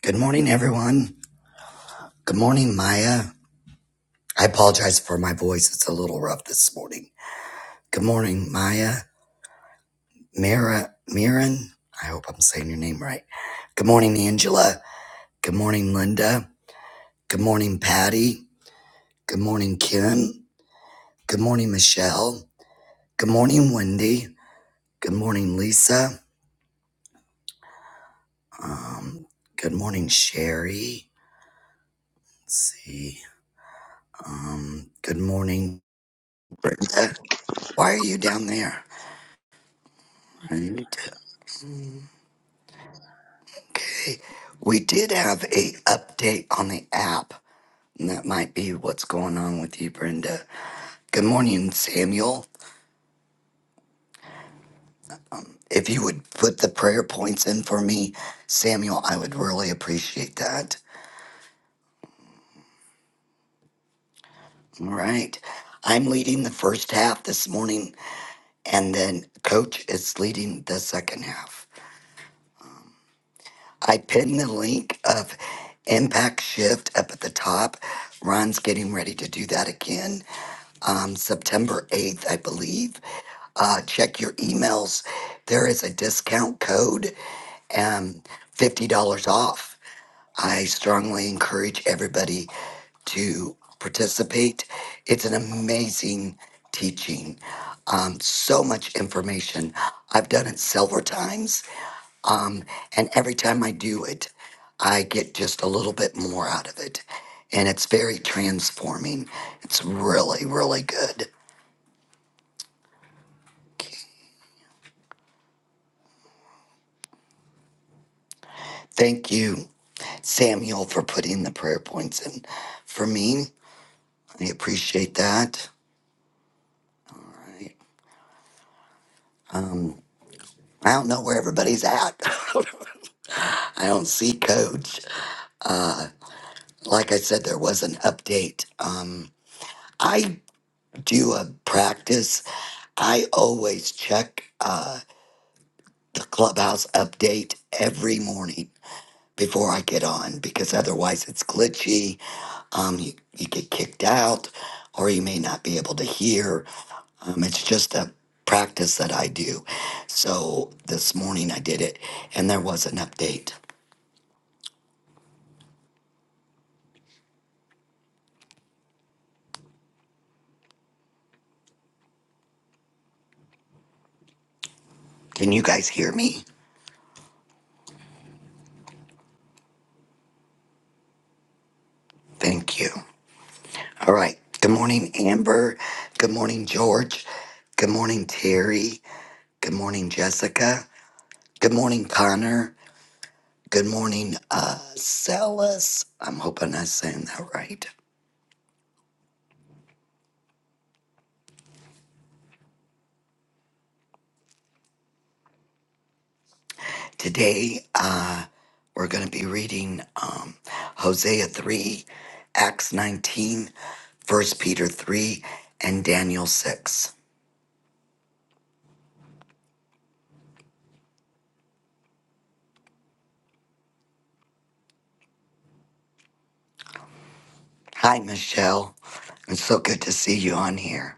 Good morning, everyone. Good morning, Maya. I apologize for my voice. It's a little rough this morning. Good morning, Maya. Mira, Miran. I hope I'm saying your name right. Good morning, Angela. Good morning, Linda. Good morning, Patty. Good morning, Kim. Good morning, Michelle. Good morning, Wendy. Good morning, Lisa. Um, good morning, Sherry. Let's see. Um, good morning, Brenda. Why are you down there? I need to- Okay, we did have a update on the app, and that might be what's going on with you, Brenda. Good morning, Samuel. If you would put the prayer points in for me, Samuel, I would really appreciate that. All right. I'm leading the first half this morning, and then Coach is leading the second half. I pinned the link of Impact Shift up at the top. Ron's getting ready to do that again. Um, September 8th, I believe. Uh, check your emails. There is a discount code and $50 off. I strongly encourage everybody to participate. It's an amazing teaching. Um, so much information. I've done it several times um, and every time I do it, I get just a little bit more out of it. And it's very transforming. It's really, really good. Thank you, Samuel, for putting the prayer points in for me. I appreciate that. I, um, I don't know where everybody's at. I don't see Coach. Like I said, there was an update. Um, I do a practice. I always check. Uh, the clubhouse update every morning before I get on because otherwise it's glitchy. Um, you, you get kicked out or you may not be able to hear. Um, it's just a practice that I do. So this morning I did it and there was an update. Can you guys hear me? Thank you. All right. Good morning, Amber. Good morning, George. Good morning, Terry. Good morning, Jessica. Good morning, Connor. Good morning, uh, Zealous. I'm hoping I'm saying that right. Today, uh, we're going to be reading um, Hosea 3, Acts 19, First Peter 3, and Daniel 6. Hi, Michelle. It's so good to see you on here.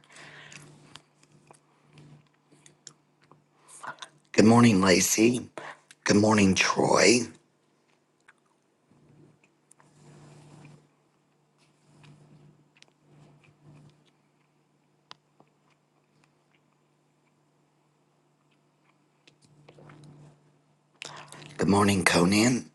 Good morning, Lacey. Good morning, Troy. Good morning, Conan.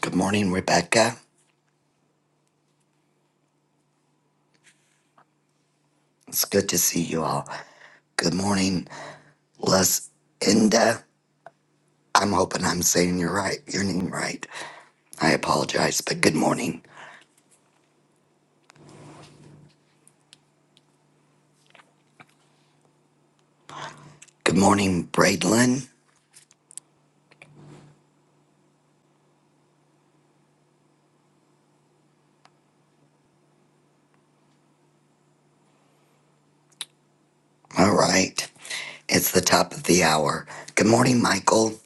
Good morning, Rebecca. It's good to see you all. Good morning, Les I'm hoping I'm saying your right, your name right. I apologize, but good morning. Good morning, Braidlin. All right. It's the top of the hour. Good morning, Michael.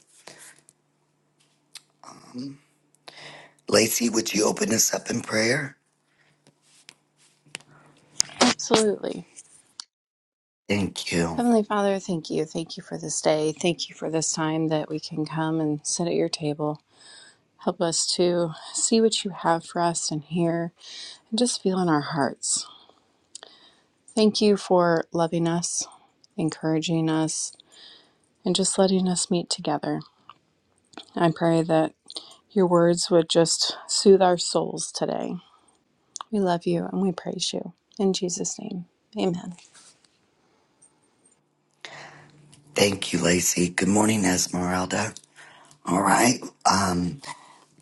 Lacey, would you open us up in prayer? Absolutely. Thank you. Heavenly Father, thank you. Thank you for this day. Thank you for this time that we can come and sit at your table. Help us to see what you have for us and hear and just feel in our hearts. Thank you for loving us, encouraging us, and just letting us meet together. I pray that your words would just soothe our souls today. We love you and we praise you. In Jesus' name, amen. Thank you, Lacey. Good morning, Esmeralda. All right. Um,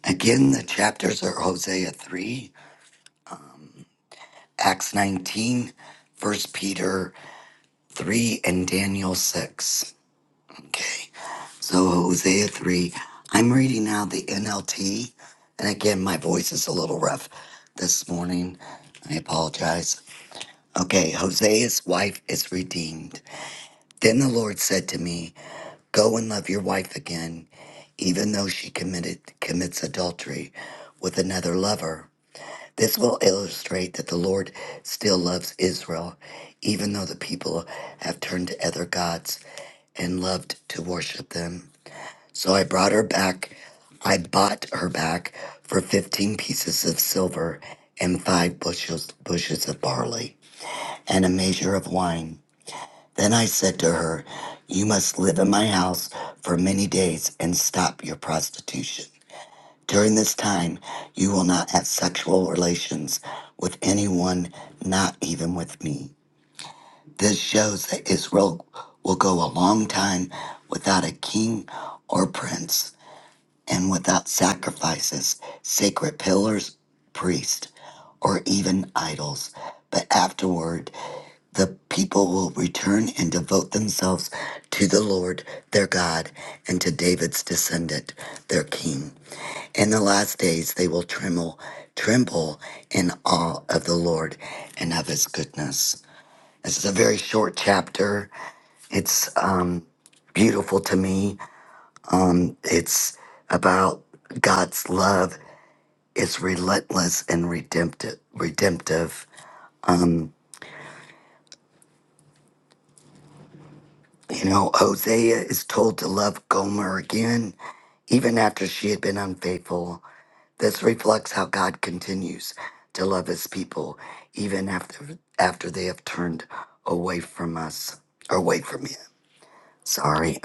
again, the chapters are Hosea 3, Acts 19, First Peter 3, and Daniel 6. Okay. So, Hosea 3, I'm reading now the NLT. And again, my voice is a little rough this morning. I apologize. Okay, Hosea's wife is redeemed. Then the Lord said to me, Go and love your wife again, even though she committed commits adultery with another lover. This will illustrate that the Lord still loves Israel, even though the people have turned to other gods and loved to worship them. So I brought her back. I bought her back for 15 pieces of silver and five bushels, bushes of barley and a measure of wine. Then I said to her, You must live in my house for many days and stop your prostitution. During this time, you will not have sexual relations with anyone, not even with me. This shows that Israel will go a long time without a king or prince and without sacrifices, sacred pillars, priests, or even idols. But afterward, the people will return and devote themselves to the Lord their God and to David's descendant, their king. In the last days they will tremble, tremble in awe of the Lord and of his goodness. This is a very short chapter. It's um, beautiful to me it's about God's love. It's relentless and redemptive. Redemptive. You know, Hosea is told to love Gomer again, even after she had been unfaithful. This reflects how God continues to love his people even after after they have turned away from us or away from him. Sorry.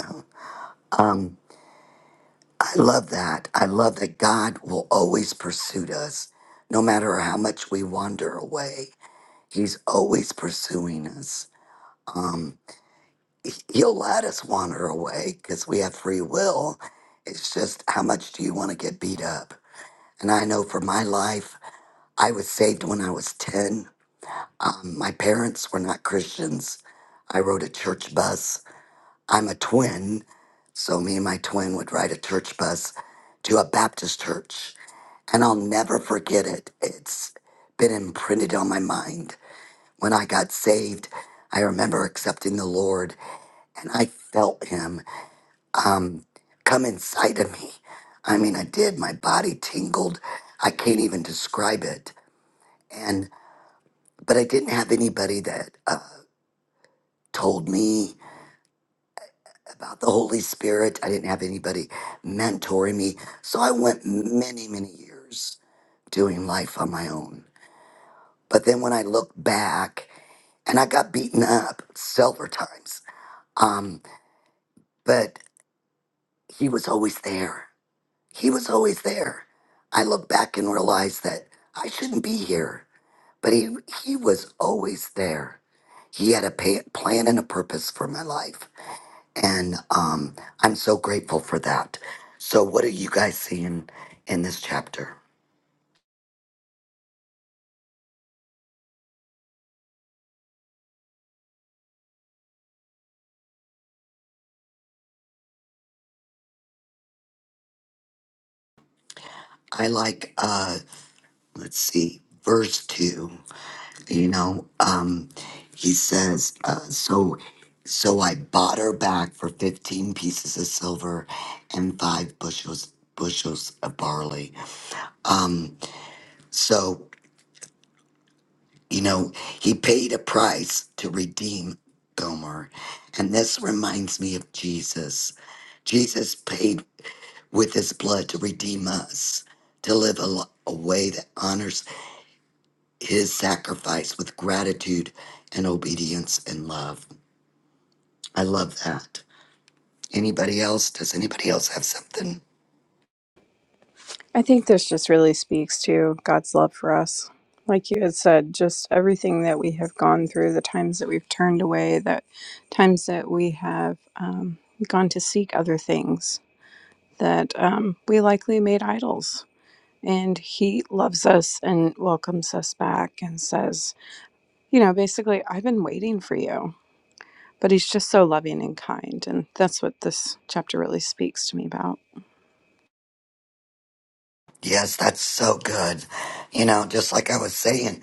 I love that. I love that God will always pursue us no matter how much we wander away. He's always pursuing us. Um, he- he'll let us wander away because we have free will. It's just how much do you want to get beat up? And I know for my life, I was saved when I was 10. Um, my parents were not Christians. I rode a church bus. I'm a twin, so me and my twin would ride a church bus to a Baptist church. And I'll never forget it. It's been imprinted on my mind when I got saved, I remember accepting the Lord and I felt Him um, come inside of me. I mean, I did. My body tingled. I can't even describe it. And but I didn't have anybody that uh, told me about the Holy Spirit. I didn't have anybody mentoring me. So I went many, many years doing life on my own. But then when I look back, and I got beaten up several times. Um, but he was always there. He was always there. I look back and realize that I shouldn't be here, but he, he was always there. He had a pa plan and a purpose for my life. And um, I'm so grateful for that. So, what are you guys seeing in this chapter? I like, uh, let's see, verse 2. you know um he says uh, so so i bought her back for 15 pieces of silver and five bushels bushels of barley um so you know he paid a price to redeem gomer and this reminds me of jesus jesus paid with his blood to redeem us to live a, li- a way that honors his sacrifice with gratitude and obedience and love I love that. Anybody else? Does anybody else have something? I think this just really speaks to God's love for us. Like you had said, just everything that we have gone through, the times that we've turned away, the times that we have um, gone to seek other things that um, we likely made idols. And He loves us and welcomes us back and says, you know, basically, I've been waiting for you. But He's just so loving and kind. And that's what this chapter really speaks to me about. Yes, that's so good. You know, just like I was saying,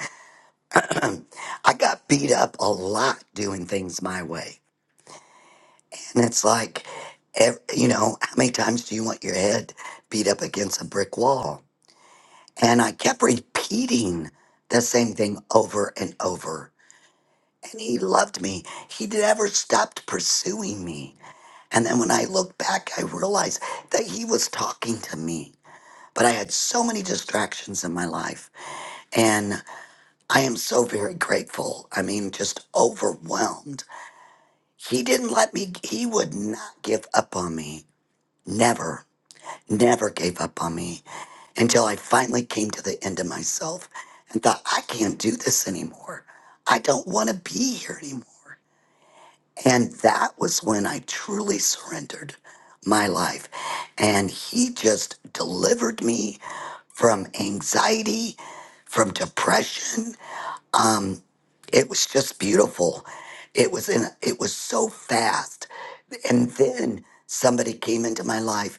I got beat up a lot doing things my way. And it's like, ev- you know, how many times do you want your head beat up against a brick wall? And I kept repeating the same thing over and over. And he loved me. He never stopped pursuing me. And then when I look back, I realized that he was talking to me but I had so many distractions in my life. And I am so very grateful. I mean, just overwhelmed. He didn't let me, he would not give up on me. Never, never gave up on me until I finally came to the end of myself and thought, I can't do this anymore. I don't want to be here anymore. And that was when I truly surrendered my life. And he just delivered me from anxiety, from depression. Um, it was just beautiful. It was in, it was so fast. And then somebody came into my life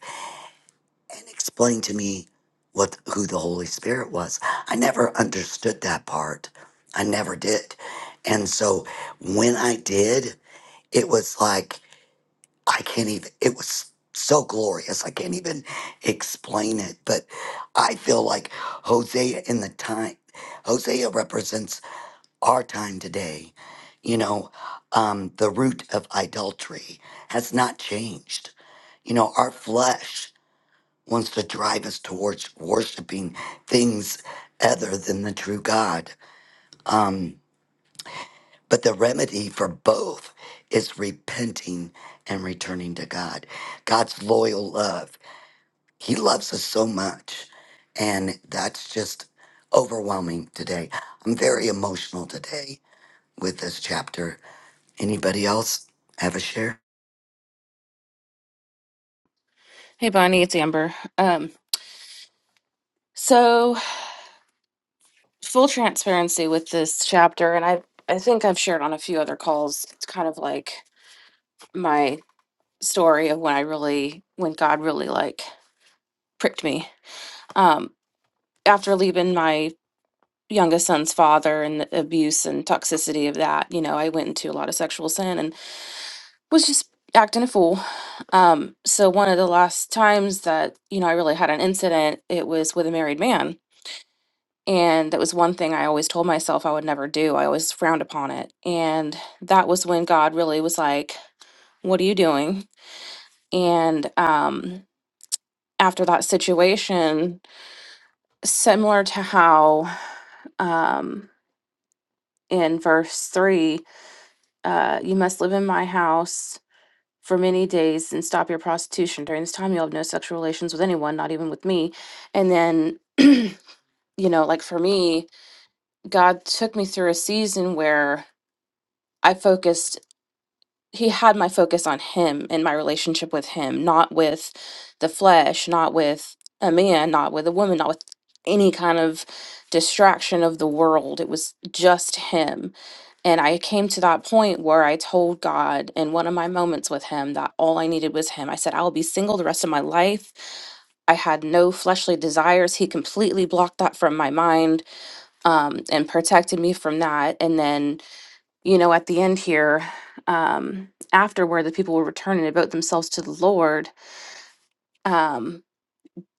and explained to me what who the Holy Spirit was. I never understood that part. I never did. And so when I did, it was like I can't even, it was so glorious. I can't even explain it. But I feel like Hosea in the time, Hosea represents our time today. You know, um, the root of idolatry has not changed. You know, our flesh wants to drive us towards worshiping things other than the true God. Um, but the remedy for both is repenting and returning to God. God's loyal love. He loves us so much. And that's just overwhelming today. I'm very emotional today with this chapter. Anybody else have a share? Hey, Bonnie, it's Amber. Um, so full transparency with this chapter, and I I think I've shared on a few other calls. It's kind of like my story of when I really, when God really like pricked me. Um, after leaving my youngest son's father and the abuse and toxicity of that, you know, I went into a lot of sexual sin and was just acting a fool. Um, so one of the last times that you know I really had an incident, it was with a married man And that was one thing I always told myself I would never do. I always frowned upon it. And that was when God really was like, What are you doing? And um, after that situation, similar to how um, in verse three, uh, you must live in my house for many days and stop your prostitution. During this time, you'll have no sexual relations with anyone, not even with me. And then, you know, like for me, God took me through a season where I focused he had my focus on him and my relationship with him, not with the flesh, not with a man, not with a woman, not with any kind of distraction of the world. It was just him. And I came to that point where I told God in one of my moments with him that all I needed was him. I said, I will be single the rest of my life. I had no fleshly desires. He completely blocked that from my mind um, and protected me from that. And then you know, at the end here, um, afterward, the people will return and devote themselves to the Lord. Um,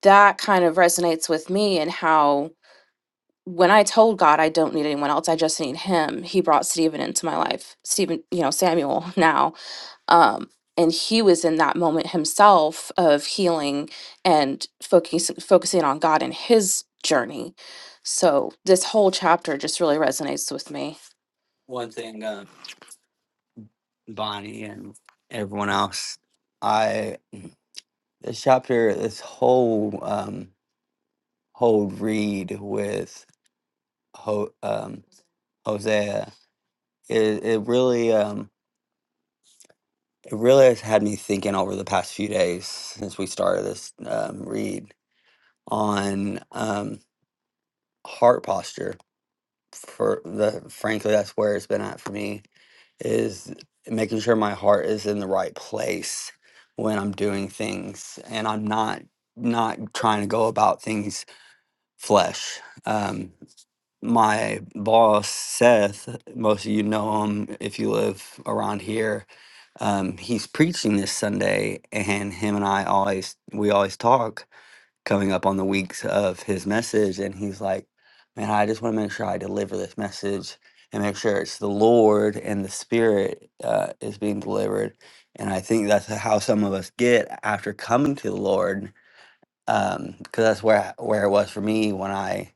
that kind of resonates with me and how when I told God I don't need anyone else, I just need Him, He brought Stephen into my life, Stephen, you know, Samuel now. Um, and he was in that moment himself of healing and focus, focusing on God and his journey. So this whole chapter just really resonates with me. One thing Bonnie and everyone else. I this chapter, this whole um whole read with Ho, um Hosea, it it really um it really has had me thinking over the past few days since we started this um, read on um heart posture for the frankly that's where it's been at for me is making sure my heart is in the right place when I'm doing things and I'm not not trying to go about things flesh. Um, my boss Seth, most of you know him if you live around here. Um, he's preaching this Sunday, and him and I always we always talk coming up on the weeks of his message and he's like man i just want to make sure i deliver this message and make sure it's the lord and the spirit uh, is being delivered and i think that's how some of us get after coming to the lord because that's where where it was for me when i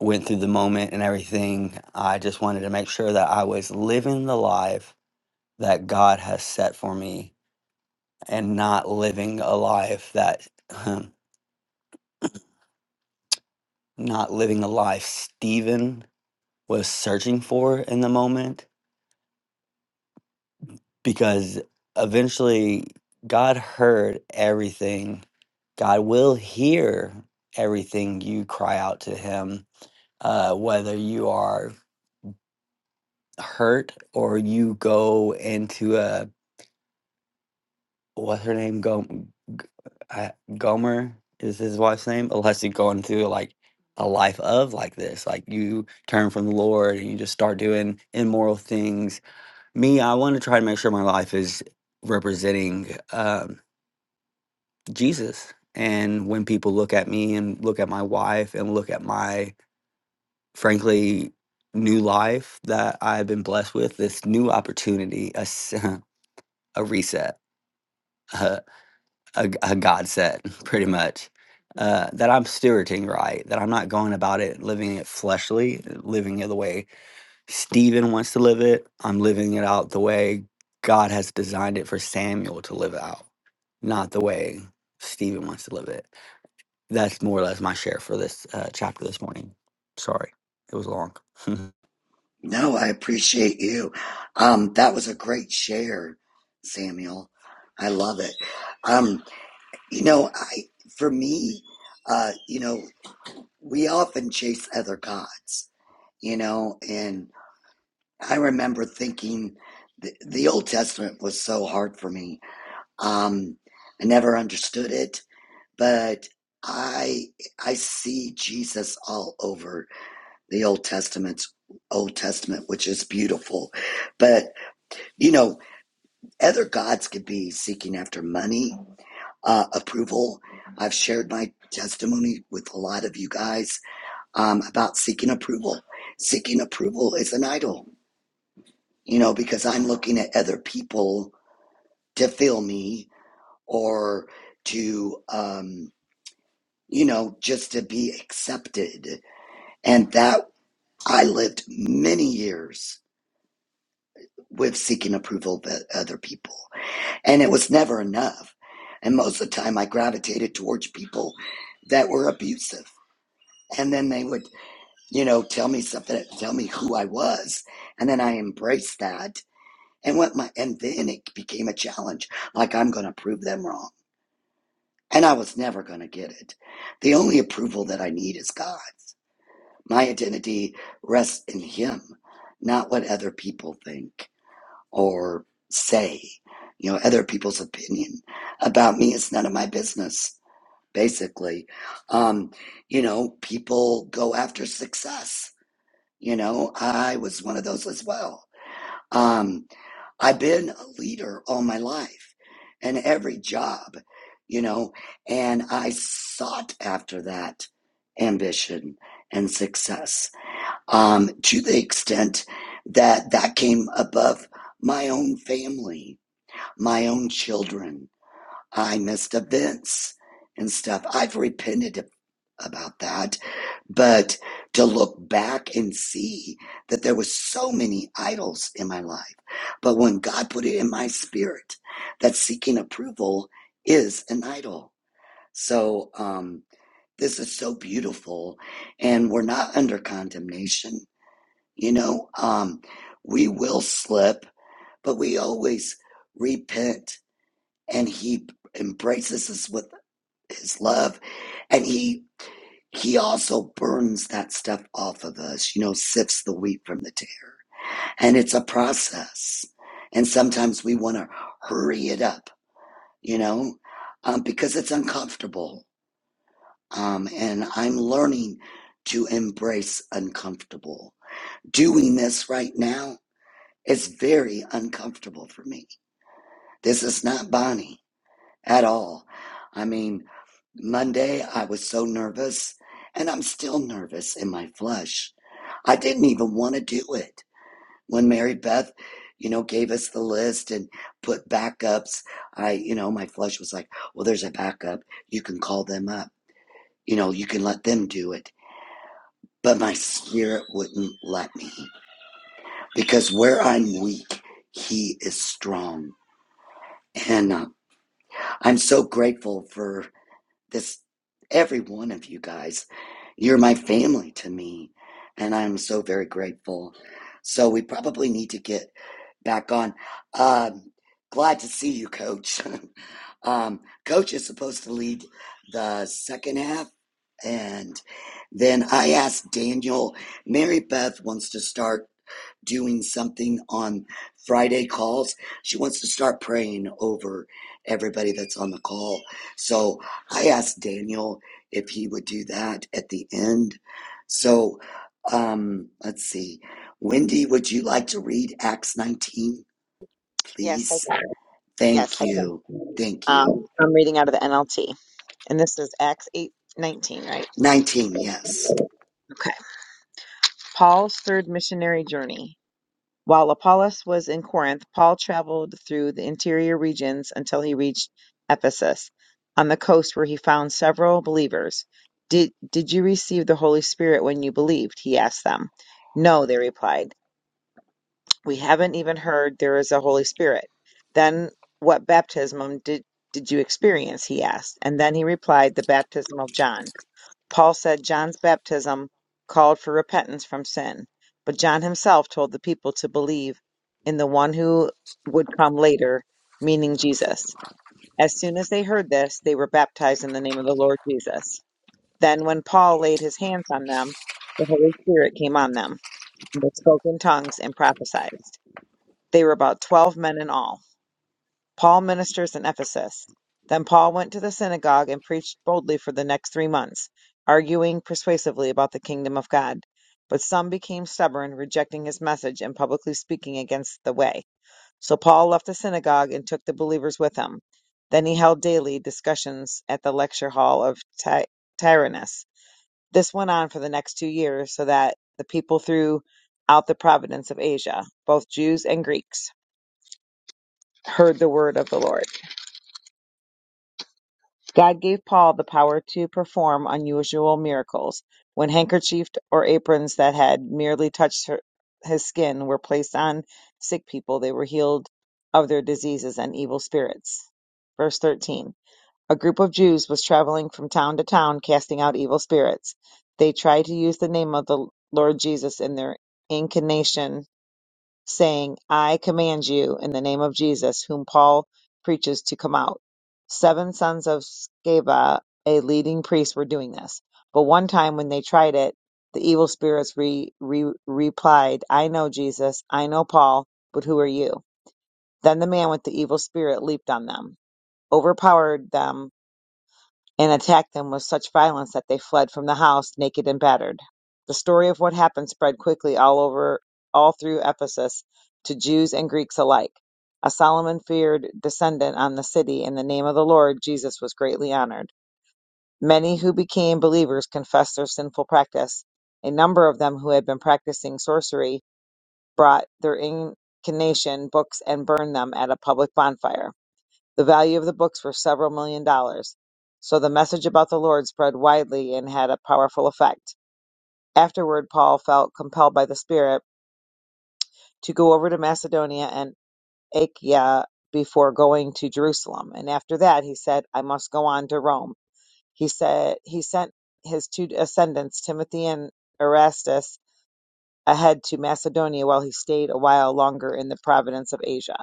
went through the moment and everything i just wanted to make sure that i was living the life that god has set for me and not living a life that not living a life Stephen was searching for in the moment because eventually God heard everything. God will hear everything you cry out to Him, uh, whether you are hurt or you go into a what's her name? Go, I, Gomer is his wife's name, unless you go into like a life of like this, like you turn from the Lord and you just start doing immoral things Me, I want to try to make sure my life is representing um, Jesus. And when people look at me and look at my wife and look at my, frankly, new life that I've been blessed with, this new opportunity, a, s- a reset, a, a, a God set, pretty much, uh, that I'm stewarding right, that I'm not going about it living it fleshly, living it the way Stephen wants to live it. I'm living it out the way God has designed it for Samuel to live out, not the way Stephen wants to live it. That's more or less my share for this uh, chapter this morning. Sorry, it was long. No, I appreciate you. Um, that was a great share, Samuel. I love it. Um, you know, I for me, uh, you know, we often chase other gods, you know, and I remember thinking the, the Old Testament was so hard for me Um, I never understood it, but I I see Jesus all over the Old Testament. Old Testament, which is beautiful. But you know, other gods could be seeking after money, uh, approval. I've shared my testimony with a lot of you guys um, about seeking approval. Seeking approval is an idol, you know, because I'm looking at other people to fill me or to. Um, you know, just to be accepted. And that I lived many years with seeking approval of other people. And it was never enough. And most of the time I gravitated towards people that were abusive. And then they would, you know, tell me something, tell me who I was. And then I embraced that and went my, and then it became a challenge. Like I'm going to prove them wrong. And I was never going to get it. The only approval that I need is God. My identity rests in Him, not what other people think or say. You know, other people's opinion about me is none of my business, basically. Um, you know, people go after success. You know, I was one of those as well. Um, I've been a leader all my life and every job, you know, and I sought after that ambition and success um, to the extent that that came above my own family, my own children. I missed events and stuff. I've repented about that, but to look back and see that there was so many idols in my life. But when God put it in my spirit that seeking approval is an idol. So, um, this is so beautiful and we're not under condemnation you know, um, we will slip, but we always repent and he embraces us with his love and he he also burns that stuff off of us, you know, sifts the wheat from the tare. And it's a process. And sometimes we want to hurry it up, you know, um, because it's uncomfortable. Um, and I'm learning to embrace uncomfortable. Doing this right now It's very uncomfortable for me. This is not Bonnie at all. I mean, Monday I was so nervous, and I'm still nervous in my flesh. I didn't even want to do it. When Mary Beth, you know, gave us the list and put backups, I, you know, my flesh was like, well, there's a backup. You can call them up. You know, you can let them do it. But my spirit wouldn't let me because where I'm weak, he is strong. And I'm so grateful for this, every one of you guys. You're my family to me, and I'm so very grateful. So we probably need to get back on. Um, glad to see you, Coach. um, Coach is supposed to lead the second half, and then I asked Daniel. Mary Beth wants to start doing something on Friday calls. She wants to start praying over everybody that's on the call. So I asked Daniel if he would do that at the end. So um, let's see. Wendy, would you like to read Acts 19, Yes, I please? can. Yes, Thank I can. you. Thank Um, you. I'm reading out of the NLT, and this is Acts eight nineteen, right? 19, yes. Okay. Paul's third missionary journey. While Apollos was in Corinth, Paul traveled through the interior regions until he reached Ephesus, on the coast where he found several believers. Did, did you receive the Holy Spirit when you believed? He asked them. No, they replied. We haven't even heard there is a Holy Spirit. Then what baptism did, did you experience? He asked. And then he replied, The baptism of John. Paul said John's baptism called for repentance from sin, but John himself told the people to believe in the one who would come later, meaning Jesus. As soon as they heard this, they were baptized in the name of the Lord Jesus. Then, when Paul laid his hands on them, the Holy Spirit came on them, and they spoke in tongues and prophesied. They were about twelve men in all. Paul ministers in Ephesus. Then Paul went to the synagogue and preached boldly for the next three months, arguing persuasively about the kingdom of God. But some became stubborn, rejecting his message and publicly speaking against the way. So Paul left the synagogue and took the believers with him. Then he held daily discussions at the lecture hall of Ty- Tyrannus. This went on for the next two years, so that the people throughout the province of Asia, both Jews and Greeks, heard the word of the Lord. God gave Paul the power to perform unusual miracles. When handkerchiefs or aprons that had merely touched her, his skin were placed on sick people, they were healed of their diseases and evil spirits. Verse 13 A group of Jews was traveling from town to town casting out evil spirits. They tried to use the name of the Lord Jesus in their incantation saying, I command you in the name of Jesus, whom Paul preaches, to come out. Seven sons of Sceva, a leading priest, were doing this. But one time when they tried it, the evil spirits re, re, replied, I know Jesus, I know Paul, but who are you? Then the man with the evil spirit leaped on them, overpowered them and attacked them with such violence that they fled from the house naked and battered. The story of what happened spread quickly all over all through Ephesus to Jews and Greeks alike. A Solomon feared descendant on the city in the name of the Lord Jesus was greatly honored. Many who became believers confessed their sinful practice. A number of them who had been practicing sorcery brought their incantation books and burned them at a public bonfire. The value of the books were several million dollars. So the message about the Lord spread widely and had a powerful effect. Afterward, Paul felt compelled by the Spirit to go over to Macedonia and Achaia before going to Jerusalem. And after that, he said, I must go on to Rome. He said, he sent his two ascendants, Timothy and Erastus, ahead to Macedonia while he stayed a while longer in the province of Asia.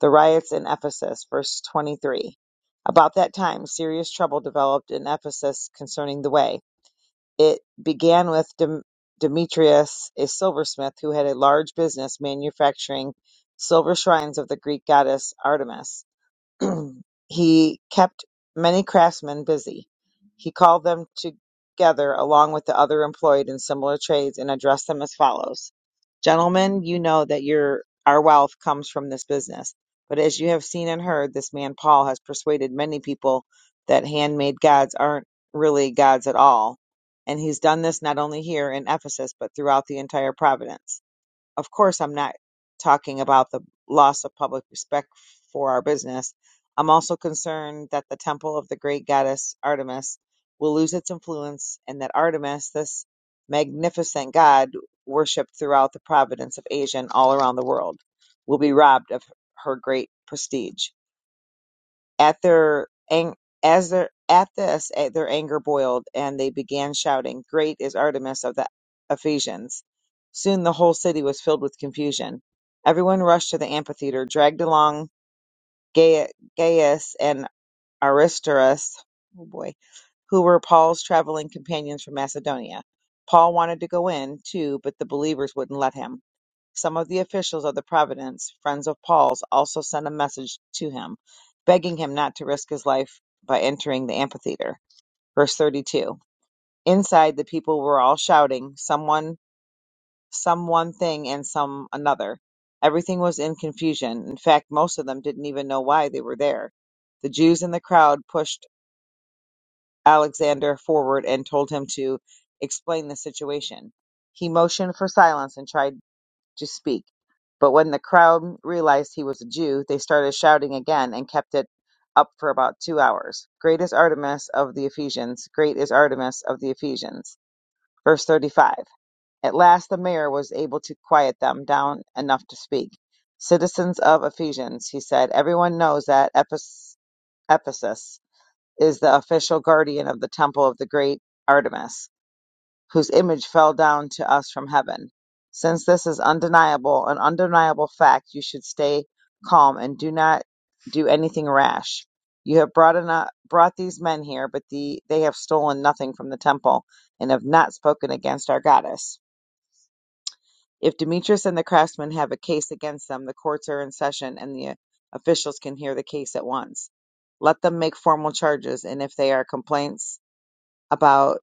The riots in Ephesus, verse 23. About that time, serious trouble developed in Ephesus concerning the way. It began with Dem- Demetrius, a silversmith who had a large business manufacturing silver shrines of the Greek goddess Artemis. he kept many craftsmen busy. He called them together along with the other employed in similar trades and addressed them as follows Gentlemen, you know that your our wealth comes from this business. But as you have seen and heard, this man Paul has persuaded many people that handmade gods aren't really gods at all. And he's done this not only here in Ephesus, but throughout the entire province. Of course, I'm not talking about the loss of public respect for our business. I'm also concerned that the temple of the great goddess Artemis will lose its influence and that Artemis, this magnificent god worshipped throughout the province of Asia and all around the world, will be robbed of her great prestige. At their ang- as their at this eh, their anger boiled, and they began shouting, "Great is Artemis of the Ephesians!" Soon the whole city was filled with confusion. Everyone rushed to the amphitheater, dragged along Gai- Gaius and Aristarchus. Oh boy, who were Paul's traveling companions from Macedonia. Paul wanted to go in, too, but the believers wouldn't let him. Some of the officials of the Providence Friends of Paul's also sent a message to him, begging him not to risk his life by entering the amphitheater. Verse 32. Inside, the people were all shouting, someone, some one thing, and some another. Everything was in confusion. In fact, most of them didn't even know why they were there. The Jews in the crowd pushed Alexander forward and told him to explain the situation. He motioned for silence and tried. to speak. But when the crowd realized he was a Jew, they started shouting again and kept it up for about two hours. Great is Artemis of the Ephesians! Great is Artemis of the Ephesians! Verse 35. At last the mayor was able to quiet them down enough to speak. Citizens of Ephesians, he said, everyone knows that Ephes- Ephesus is the official guardian of the temple of the great Artemis whose image fell down to us from heaven. Since this is undeniable, an undeniable fact, you should stay calm and do not do anything rash. You have brought enough, brought these men here, but the, they have stolen nothing from the temple and have not spoken against our goddess. If Demetrius and the craftsmen have a case against them, the courts are in session and the officials can hear the case at once. Let them make formal charges, and if they are complaints about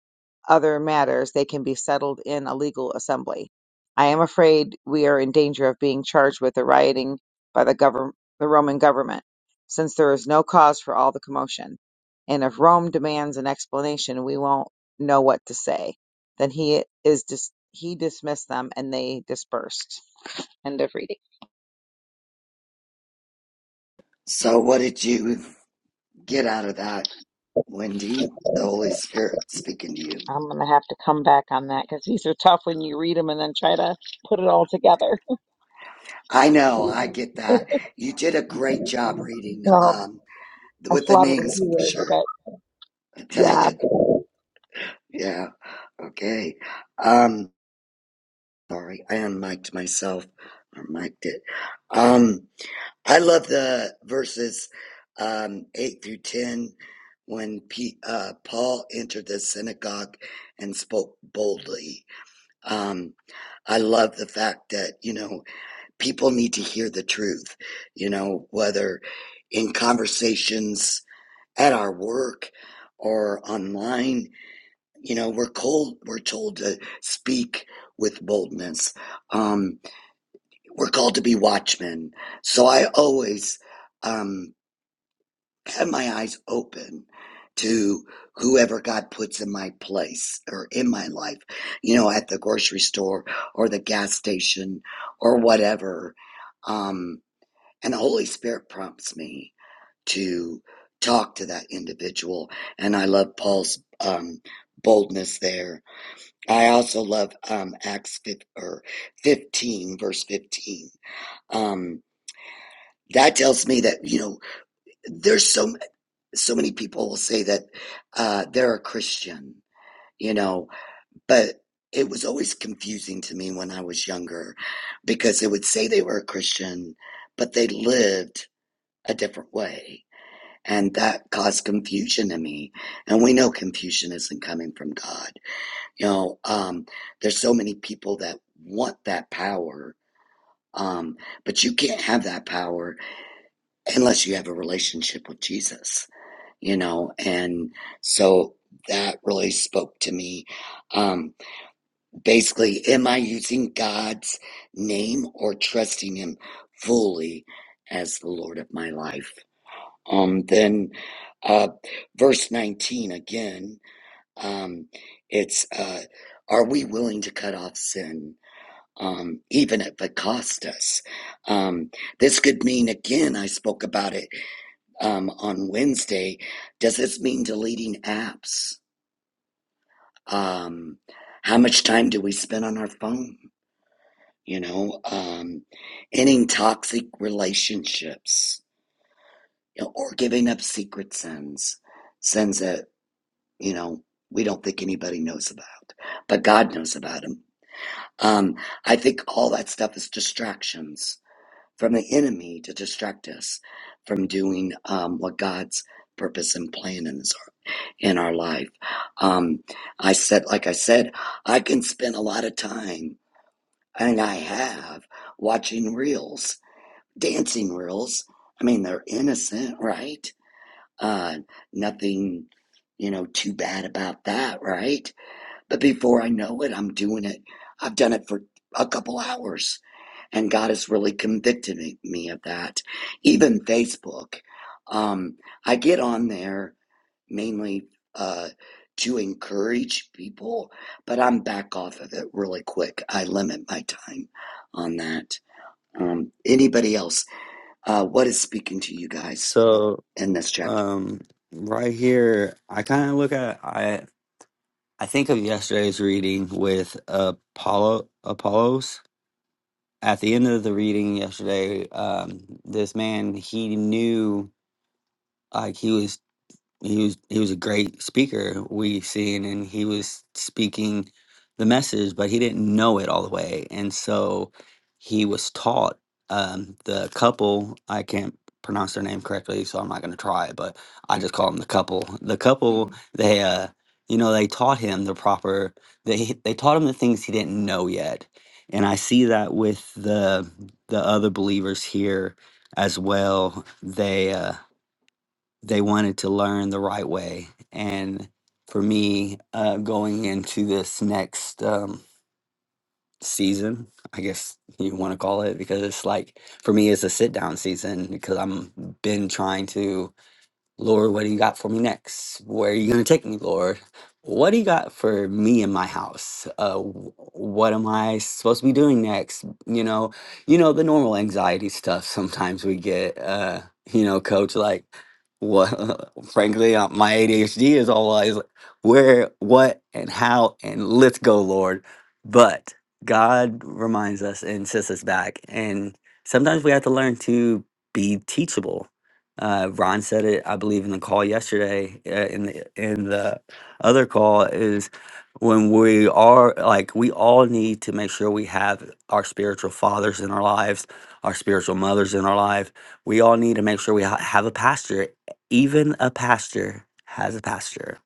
other matters, they can be settled in a legal assembly. I am afraid we are in danger of being charged with the rioting by the, govern- the Roman government, since there is no cause for all the commotion. And if Rome demands an explanation, we won't know what to say. Then he is dis- he dismissed them, and they dispersed. End of reading. So what did you get out of that, Wendy? The Holy Spirit speaking to you. I'm gonna have to come back on that because these are tough when you read them and then try to put it all together. I know, I get that. You did a great job reading Well, um I with the slaughtered a names few for words, sure. but yeah. yeah. Okay. Um sorry, I unmiked myself or mic'd it. Um I love the verses um eight through ten when P, uh, Paul entered the synagogue and spoke boldly. Um I love the fact that, you know, people need to hear the truth, you know, whether in conversations at our work or online, you know, we're cold, we're told to speak with boldness. Um, we're called to be watchmen. So I always um, have my eyes open to whoever God puts in my place or in my life, you know, at the grocery store or the gas station or whatever. Um, and the Holy Spirit prompts me to talk to that individual. And I love Paul's um, boldness there. I also love um, Acts or 15, verse 15. Um, that tells me that you know there's so so many people will say that uh, they're a Christian, you know, but it was always confusing to me when I was younger because they would say they were a Christian, but they lived a different way and that caused confusion in me and we know confusion isn't coming from god you know um there's so many people that want that power um but you can't have that power unless you have a relationship with jesus you know and so that really spoke to me um basically am i using god's name or trusting him fully as the lord of my life um, then uh, verse 19 again, um, it's uh, are we willing to cut off sin? Um, even if it cost us. Um, this could mean, again, I spoke about it um, on Wednesday. Does this mean deleting apps? Um, how much time do we spend on our phone? You know, um, ending toxic relationships you know, or giving up secret sins, sins that you know, we don't think anybody knows about, but God knows about them. Um, I think all that stuff is distractions from the enemy to distract us from doing um, what God's purpose and plan in, his, in our life. Um, I said, like I said, I can spend a lot of time, and I have, watching reels, dancing reels. I mean, they're innocent, right? Uh, nothing, you know, too bad about that, right? But before I know it, I'm doing it. I've done it for a couple hours, and God has really convicted me me of that. Even Facebook, um, I get on there mainly uh, to encourage people, but I'm back off of it really quick. I limit my time on that. Um, anybody else? Uh, what is speaking to you guys so, in this chapter? um, right here, I kind of look at I I think of yesterday's reading with Apollo Apollos. At the end of the reading yesterday, um, this man he knew like he was he was he was a great speaker we seen and he was speaking the message but he didn't know it all the way and so he was taught um the couple i can't pronounce their name correctly so i'm not going to try but i just call them the couple the couple Mhm. they uh you know they taught him the proper they they taught him the things he didn't know yet and i see that with the the other believers here as well they uh they wanted to learn the right way. And for me, uh, going into this next um, season, I guess you want to call it, because it's like for me, it's a sit down season because I'm been trying to Lord, what do you got for me next? Where are you going to take me, Lord? What do you got for me in my house? Uh, wh- what am I supposed to be doing next? You know, you know the normal anxiety stuff. Sometimes we get, uh, you know, coach like, what? Frankly, uh, my ADHD is always like, where, what, and how, and let's go, Lord. But God reminds us and sets us back, and sometimes we have to learn to be teachable uh, Ron said it, I believe, in the call yesterday. Uh, in the in the other call is when we are like we all need to make sure we have our spiritual fathers in our lives, our spiritual mothers in our life. We all need to make sure we ha- have a pastor. Even a pastor has a pastor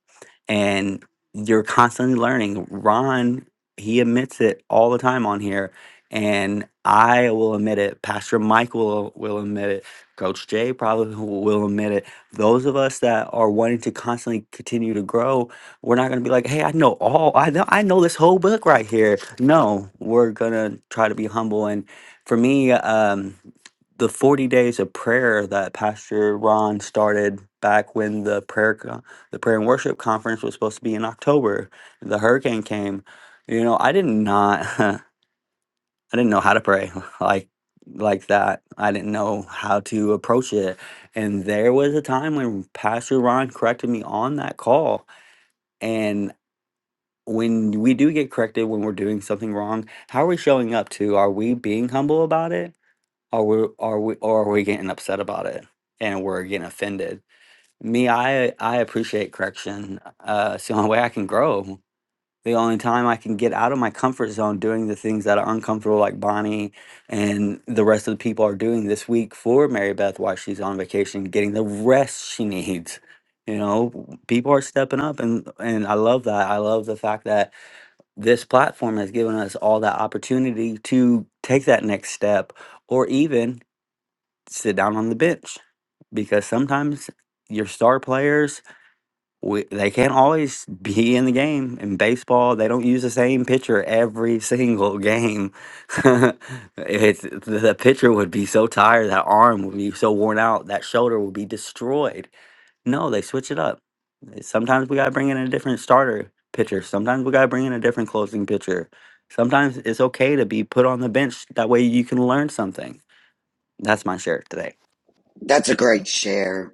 and you're constantly learning. Ron, he admits it all the time on here, and I will admit it. Pastor Mike will will admit it Coach Jay probably will admit it. Those of us that are wanting to constantly continue to grow, we're not going to be like, "Hey, I know all. I know I know this whole book right here." No, we're going to try to be humble and for me um the 40 days of prayer that Pastor Ron started back when the prayer co- the prayer and worship conference was supposed to be in October. The hurricane came. You know, I did not. I didn't know how to pray like like that. I didn't know how to approach it. And there was a time when Pastor Ron corrected me on that call. And when we do get corrected when we're doing something wrong, how are we showing up to? Are we being humble about it? Are we are we or are we getting upset about it? And we're getting offended. Me, I I appreciate correction. Uh, it's the only way I can grow the only time I can get out of my comfort zone doing the things that are uncomfortable, like Bonnie and the rest of the people are doing this week for Mary Beth while she's on vacation, getting the rest she needs. You know, people are stepping up, and and I love that. I love the fact that this platform has given us all that opportunity to take that next step, or even sit down on the bench, because sometimes your star players we, they can't always be in the game. In baseball, they don't use the same pitcher every single game. it's the pitcher would be so tired, that arm would be so worn out, that shoulder would be destroyed. No, they switch it up. Sometimes we gotta bring in a different starter pitcher. Sometimes we gotta bring in a different closing pitcher. Sometimes it's okay to be put on the bench. That way you can learn something. That's my share today. That's a great share.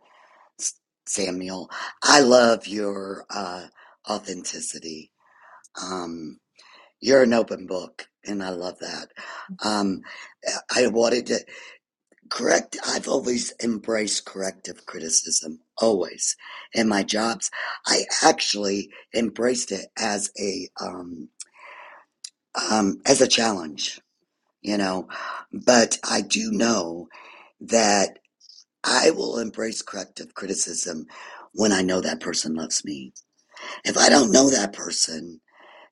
Samuel. I love your uh, authenticity. Um, you're an open book, and I love that. Um, I wanted to correct, I've always embraced corrective criticism, always. In my jobs, I actually embraced it as a, um, um, as a challenge, you know, but I do know that I will embrace corrective criticism when I know that person loves me If I don't know that person,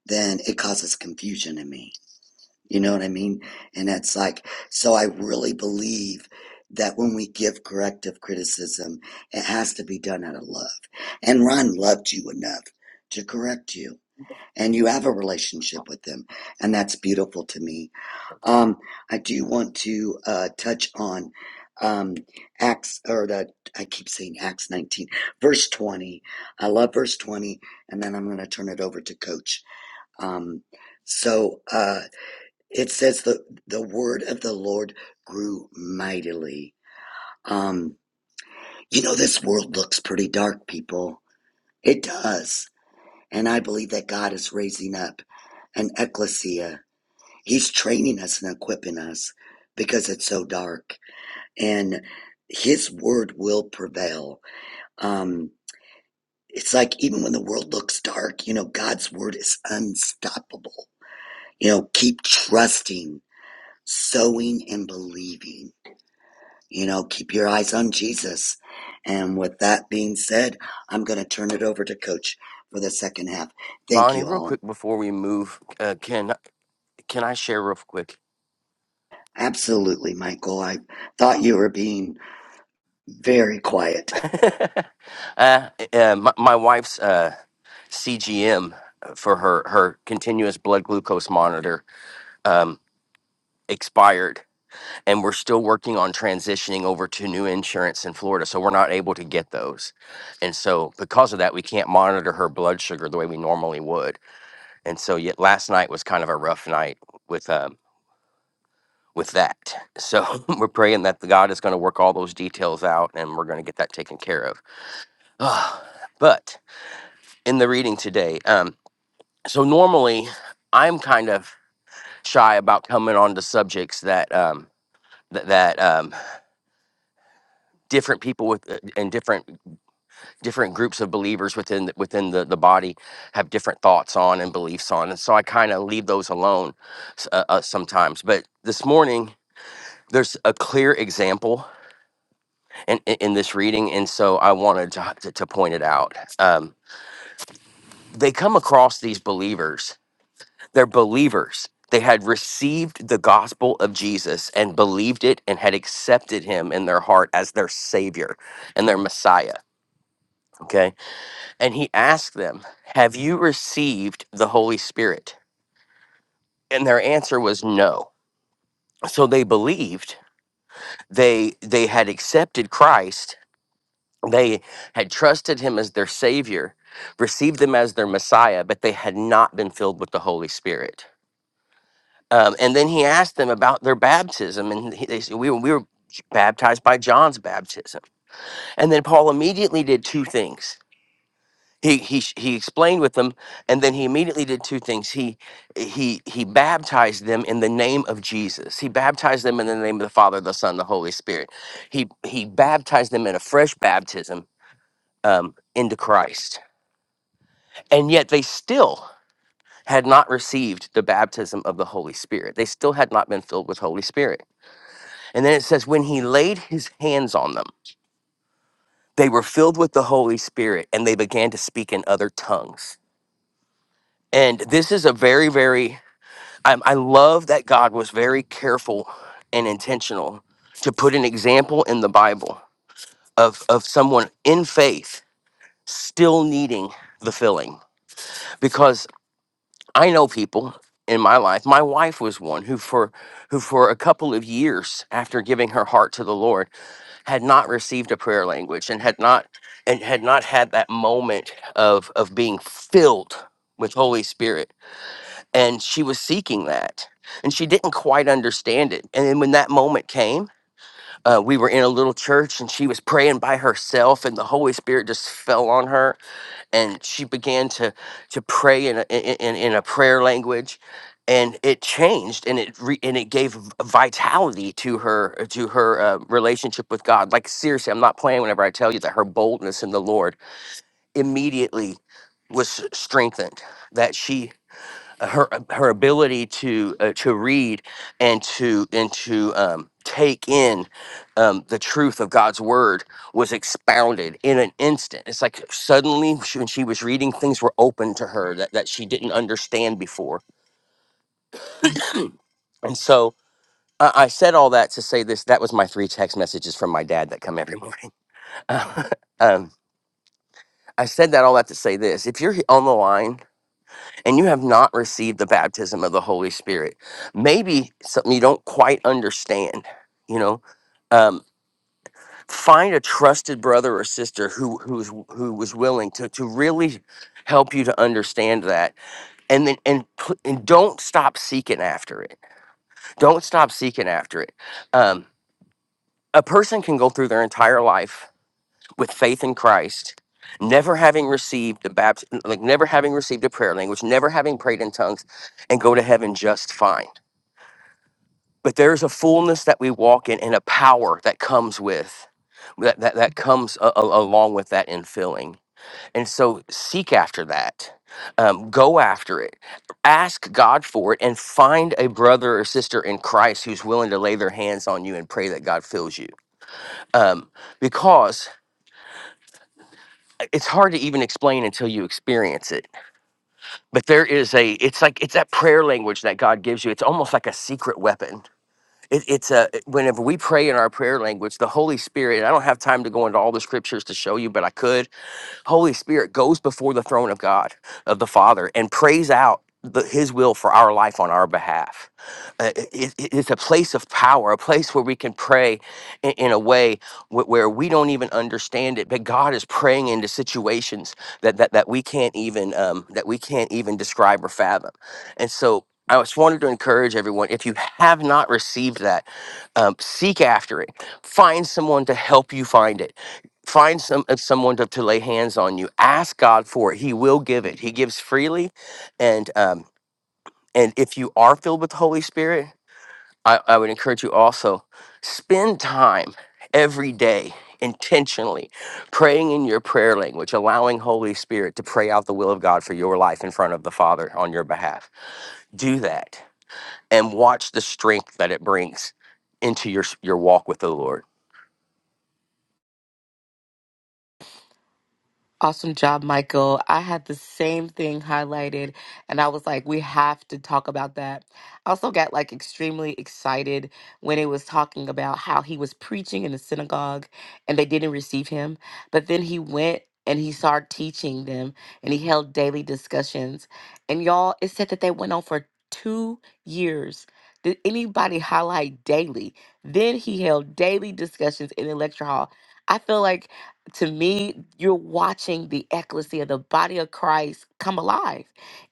then it causes confusion in me. You know what I mean? And that's like, so I really believe that when we give corrective criticism, it has to be done out of love. And Ron loved you enough to correct you and you have a relationship with them and that's beautiful to me um, i do want to uh, touch on um, acts or the i keep saying acts 19 verse 20 i love verse 20 and then i'm going to turn it over to coach um, so uh, it says the the word of the lord grew mightily um, you know this world looks pretty dark people it does and i believe that god is raising up an ecclesia He's training us and equipping us because it's so dark. And his word will prevail. Um, it's like even when the world looks dark, you know, God's word is unstoppable. You know, keep trusting, sowing, and believing. You know, keep your eyes on Jesus. And with that being said, I'm going to turn it over to Coach for the second half. Thank Bonnie, you real all. quick before we move, uh, can can I share real quick? Absolutely, Michael. I thought you were being very quiet. uh, uh, my, my wife's uh, CGM for her her continuous blood glucose monitor um, expired, and we're still working on transitioning over to new insurance in Florida, so we're not able to get those. And so, because of that, we can't monitor her blood sugar the way we normally would. And so, yet last night was kind of a rough night with. um, with that. So we're praying that the God is going to work all those details out and we're going to get that taken care of. Ah, but in the reading today, um, so normally I'm kind of shy about coming on to subjects that um, th- that um, different people with uh, and different different groups of believers within the, within the, the body have different thoughts on and beliefs on, and so I kind of leave those alone s- uh, uh, sometimes. But this morning, there's a clear example in, in in this reading, and so I wanted to, to, to point it out. Um, they come across these believers; they're believers. They had received the gospel of Jesus and believed it, and had accepted Him in their heart as their Savior and their Messiah. Okay, and He asked them, "Have you received the Holy Spirit?" And their answer was no. So they believed. They they had accepted Christ, They had trusted him as their savior, received him as their Messiah, but they had not been filled with the Holy Spirit. Um, and then he asked them about their baptism, and he, they said, we, were- we were baptized by John's baptism. And then Paul immediately did two things. He, he, he explained with them, and then he immediately did two things. He, he, he baptized them in the name of Jesus. He baptized them in the name of the Father, the Son, the Holy Spirit. He, he baptized them in a fresh baptism um, into Christ And yet they still had not received the baptism of the Holy Spirit. They still had not been filled with Holy Spirit. And then it says, when he laid his hands on them, they were filled with the Holy Spirit and they began to speak in other tongues. And this is a very, very, I, I love that God was very careful and intentional to put an example in the Bible of, of someone in faith still needing the filling because. I know people in my life. My wife was one who for who for a couple of years after giving her heart to the Lord had not received a prayer language and had not and had not had that moment of of being filled with Holy Spirit. And she was seeking that. And she didn't quite understand it. And then when that moment came, uh, we were in a little church and she was praying by herself, and the Holy Spirit just fell on her and she began to to pray in a, in, in in a prayer language and it changed and it re, and it gave v- vitality to her to her uh, relationship with God like seriously I'm not playing whenever I tell you that her boldness in the Lord immediately was strengthened that she her her ability to uh, to read and to and to um, take in um, the truth of God's word was expounded in an instant. It's like suddenly she, when she was reading, things were open to her that, that she didn't understand before. And so I, I said all that to say this. That was my three text messages from my dad that come every morning. um, I said that all that to say this. If you're he- on the line and you have not received the baptism of the Holy Spirit, maybe something you don't quite understand, you know, um, find a trusted brother or sister who who's who was willing to to really help you to understand that, and then and put, and don't stop seeking after it. Don't stop seeking after it. Um, a person can go through their entire life with faith in Christ, never having received the baptism, like never having received a prayer language, never having prayed in tongues, and go to heaven just fine. But there is a fullness that we walk in and a power that comes with that, that, that comes a, a- along with that infilling. And so seek after that. Um, go after it. Ask God for it and find a brother or sister in Christ who's willing to lay their hands on you and pray that God fills you. Um, because it's hard to even explain until you experience it. But there is a, it's like, it's that prayer language that God gives you. It's almost like a secret weapon. It, it's a, whenever we pray in our prayer language, the Holy Spirit, I don't have time to go into all the scriptures to show you, but I could. Holy Spirit goes before the throne of God, of the Father, and prays out the, His will for our life on our behalf. Uh, it- it- it's a place of power, a place where we can pray in, in a way wh- where we don't even understand it, but God is praying into situations that that, that we can't even um, that we can't even describe or fathom. And so. I just wanted to encourage everyone if you have not received that, um, seek after it. Find someone to help you find it find some uh, someone to, to lay hands on you ask god for it he will give it he gives freely and um and if you are filled with the holy spirit i, I would encourage you also spend time every day intentionally praying in your prayer language allowing holy spirit to pray out the will of god for your life in front of the father on your behalf do that and watch the strength that it brings into your s- your walk with the lord Awesome job, Michael. I had the same thing highlighted, and I was like, we have to talk about that. I also got like extremely excited when it was talking about how he was preaching in the synagogue and they didn't receive him. But then he went and he started teaching them and he held daily discussions. And y'all, it said that they went on for two years. Did anybody highlight daily? Then he held daily discussions in the lecture hall. I feel like to me, you're watching the ecclesia, the body of Christ, come alive.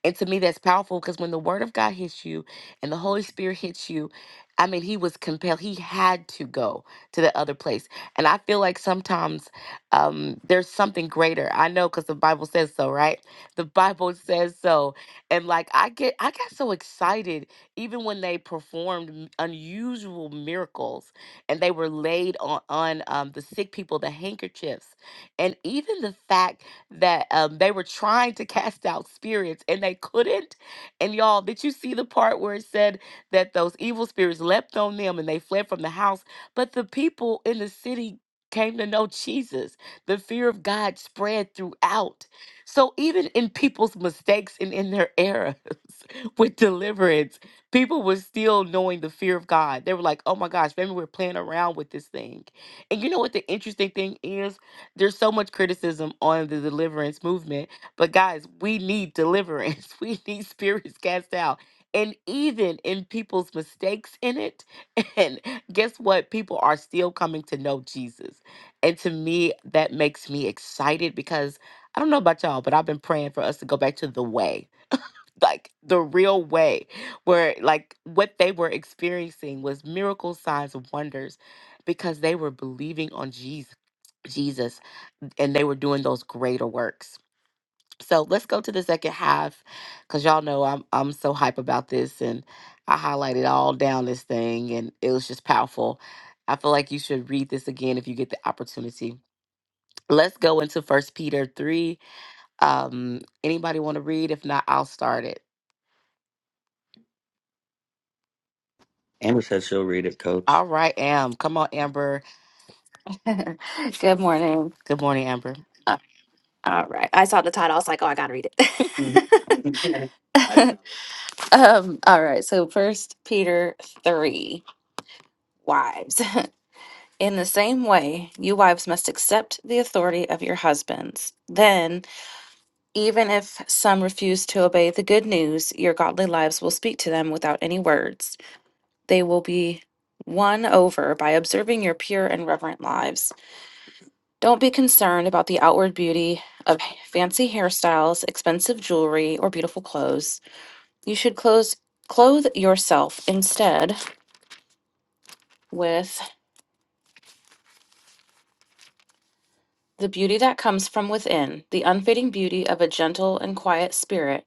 And to me, that's powerful because when the word of God hits you and the Holy Spirit hits you, I mean, he was compelled, he had to go to the other place. And I feel like sometimes um, there's something greater. I know because the Bible says so, right? The Bible says so. And like, I get, I got so excited even when they performed m- unusual miracles and they were laid on, on um, the sick people, the handkerchiefs. And even the fact that um, they were trying to cast out spirits and they couldn't. And y'all, did you see the part where it said that those evil spirits leapt on them and they fled from the house? But the people in the city came to know Jesus. The fear of God spread throughout. So even in people's mistakes and in their errors with deliverance, people were still knowing the fear of God. They were like, oh my gosh, maybe we're playing around with this thing. And you know what the interesting thing is? There's so much criticism on the deliverance movement, but guys, we need deliverance. We need spirits cast out. And even in people's mistakes in it, and guess what? People are still coming to know Jesus. And to me, that makes me excited because I don't know about y'all, but I've been praying for us to go back to the way like the real way where like what they were experiencing was miracle signs and wonders because they were believing on jesus jesus and they were doing those greater works so let's go to the second half because y'all know i'm i'm so hype about this and i highlighted all down this thing and it was just powerful i feel like you should read this again if you get the opportunity let's go into first peter 3 um anybody want to read if not i'll start it Amber says she'll read it, coach. All right, Am. Come on, Amber. Good morning. Good morning, Amber. Uh, all right. I saw the title. I was like, oh, I got to read it. um, all right. So, First Peter 3, wives. In the same way, you wives must accept the authority of your husbands. Then, even if some refuse to obey the good news, your godly lives will speak to them without any words. They will be won over by observing your pure and reverent lives. Don't be concerned about the outward beauty of fancy hairstyles, expensive jewelry, or beautiful clothes. You should clothe, clothe yourself instead with the beauty that comes from within, the unfading beauty of a gentle and quiet spirit,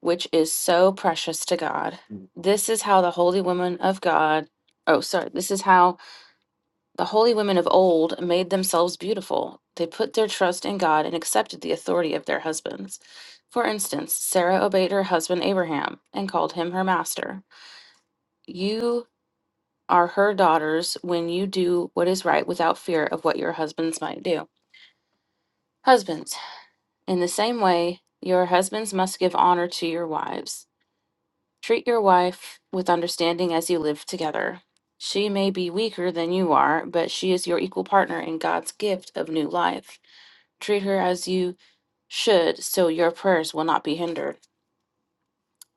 which is so precious to God. This is how the holy woman of God, oh, sorry, this is how The holy women of old made themselves beautiful. They put their trust in God and accepted the authority of their husbands. For instance, Sarah obeyed her husband Abraham and called him her master. You are her daughters when you do what is right without fear of what your husbands might do. Husbands, in the same way, your husbands must give honor to your wives. Treat your wife with understanding as you live together. She may be weaker than you are, but she is your equal partner in God's gift of new life. Treat her as you should, so your prayers will not be hindered.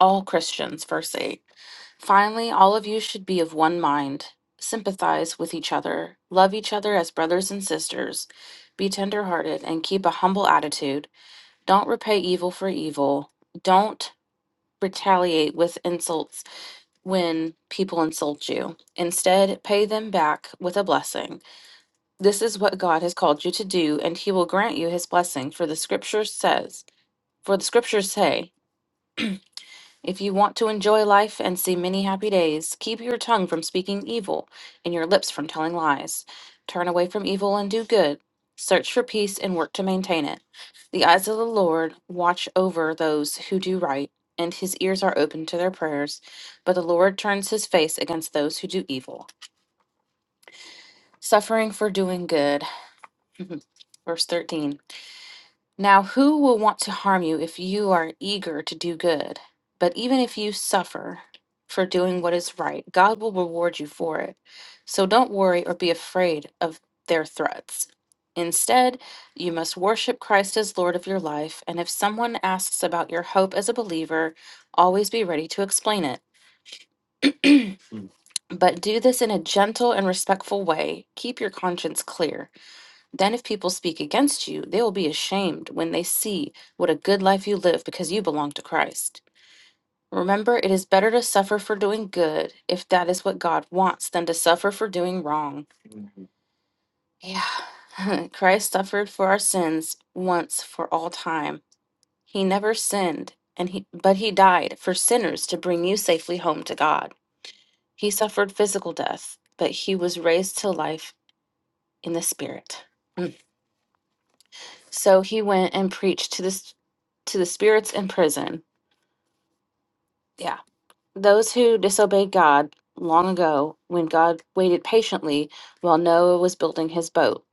All Christians, verse 8. Finally, all of you should be of one mind. Sympathize with each other. Love each other as brothers and sisters. Be tenderhearted and keep a humble attitude. Don't repay evil for evil. Don't retaliate with insults when people insult you. Instead, pay them back with a blessing. This is what God has called you to do, and He will grant you His blessing, for the scripture says, For the scriptures say, If you want to enjoy life and see many happy days, keep your tongue from speaking evil and your lips from telling lies. Turn away from evil and do good. Search for peace and work to maintain it. The eyes of the Lord watch over those who do right, and his ears are open to their prayers. But the Lord turns his face against those who do evil. Suffering for doing good. Verse 13. Now, who will want to harm you if you are eager to do good? But even if you suffer for doing what is right, God will reward you for it. So don't worry or be afraid of their threats. Instead, you must worship Christ as Lord of your life, and if someone asks about your hope as a believer, always be ready to explain it. But do this in a gentle and respectful way. Keep your conscience clear. Then, if people speak against you, they will be ashamed when they see what a good life you live because you belong to Christ. Remember, it is better to suffer for doing good, if that is what God wants, than to suffer for doing wrong. Yeah. Christ suffered for our sins once for all time. He never sinned, and he but he died for sinners to bring you safely home to God. He suffered physical death, but he was raised to life in the spirit. So he went and preached to the s- to the spirits in prison. Yeah. Those who disobeyed God long ago when God waited patiently while Noah was building his boat.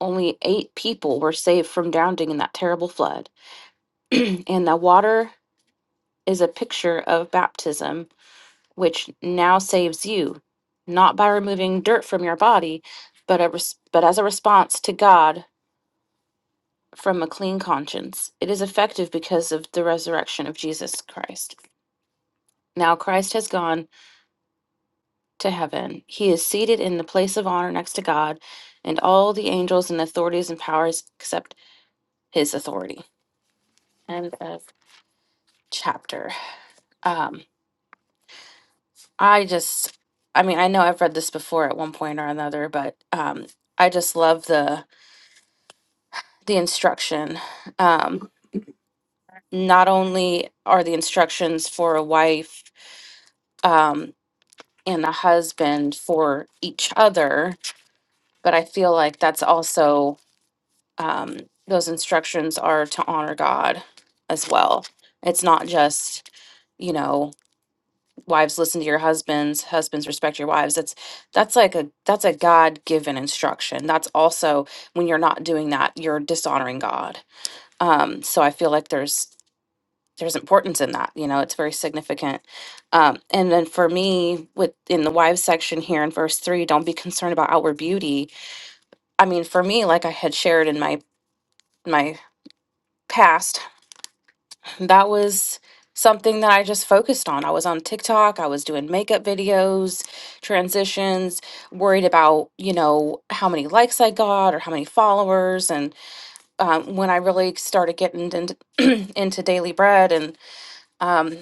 Only 8 people were saved from drowning in that terrible flood. and the water is a picture of baptism which now saves you, not by removing dirt from your body, but a res- but as a response to God from a clean conscience. It is effective because of the resurrection of Jesus Christ. Now Christ has gone to heaven. He is seated in the place of honor next to God, and all the angels and authorities and powers accept his authority. End of chapter. Um, I just, I mean, I know I've read this before at one point or another, but um, I just love the the instruction. Um, not only are the instructions for a wife um, and a husband for each other, but I feel like that's also um, those instructions are to honor God as well. It's not just, you know, wives listen to your husbands, husbands respect your wives. That's that's like a that's a God given instruction. That's also when you're not doing that, you're dishonoring God. Um, so I feel like there's there's importance in that. You know, it's very significant. Um, and then for me, with in the wives section here in verse three, don't be concerned about outward beauty. I mean, for me, like I had shared in my my past that was something that I just focused on. I was on TikTok, I was doing makeup videos, transitions, worried about, you know, how many likes I got or how many followers. And um, when I really started getting into, into daily bread and um,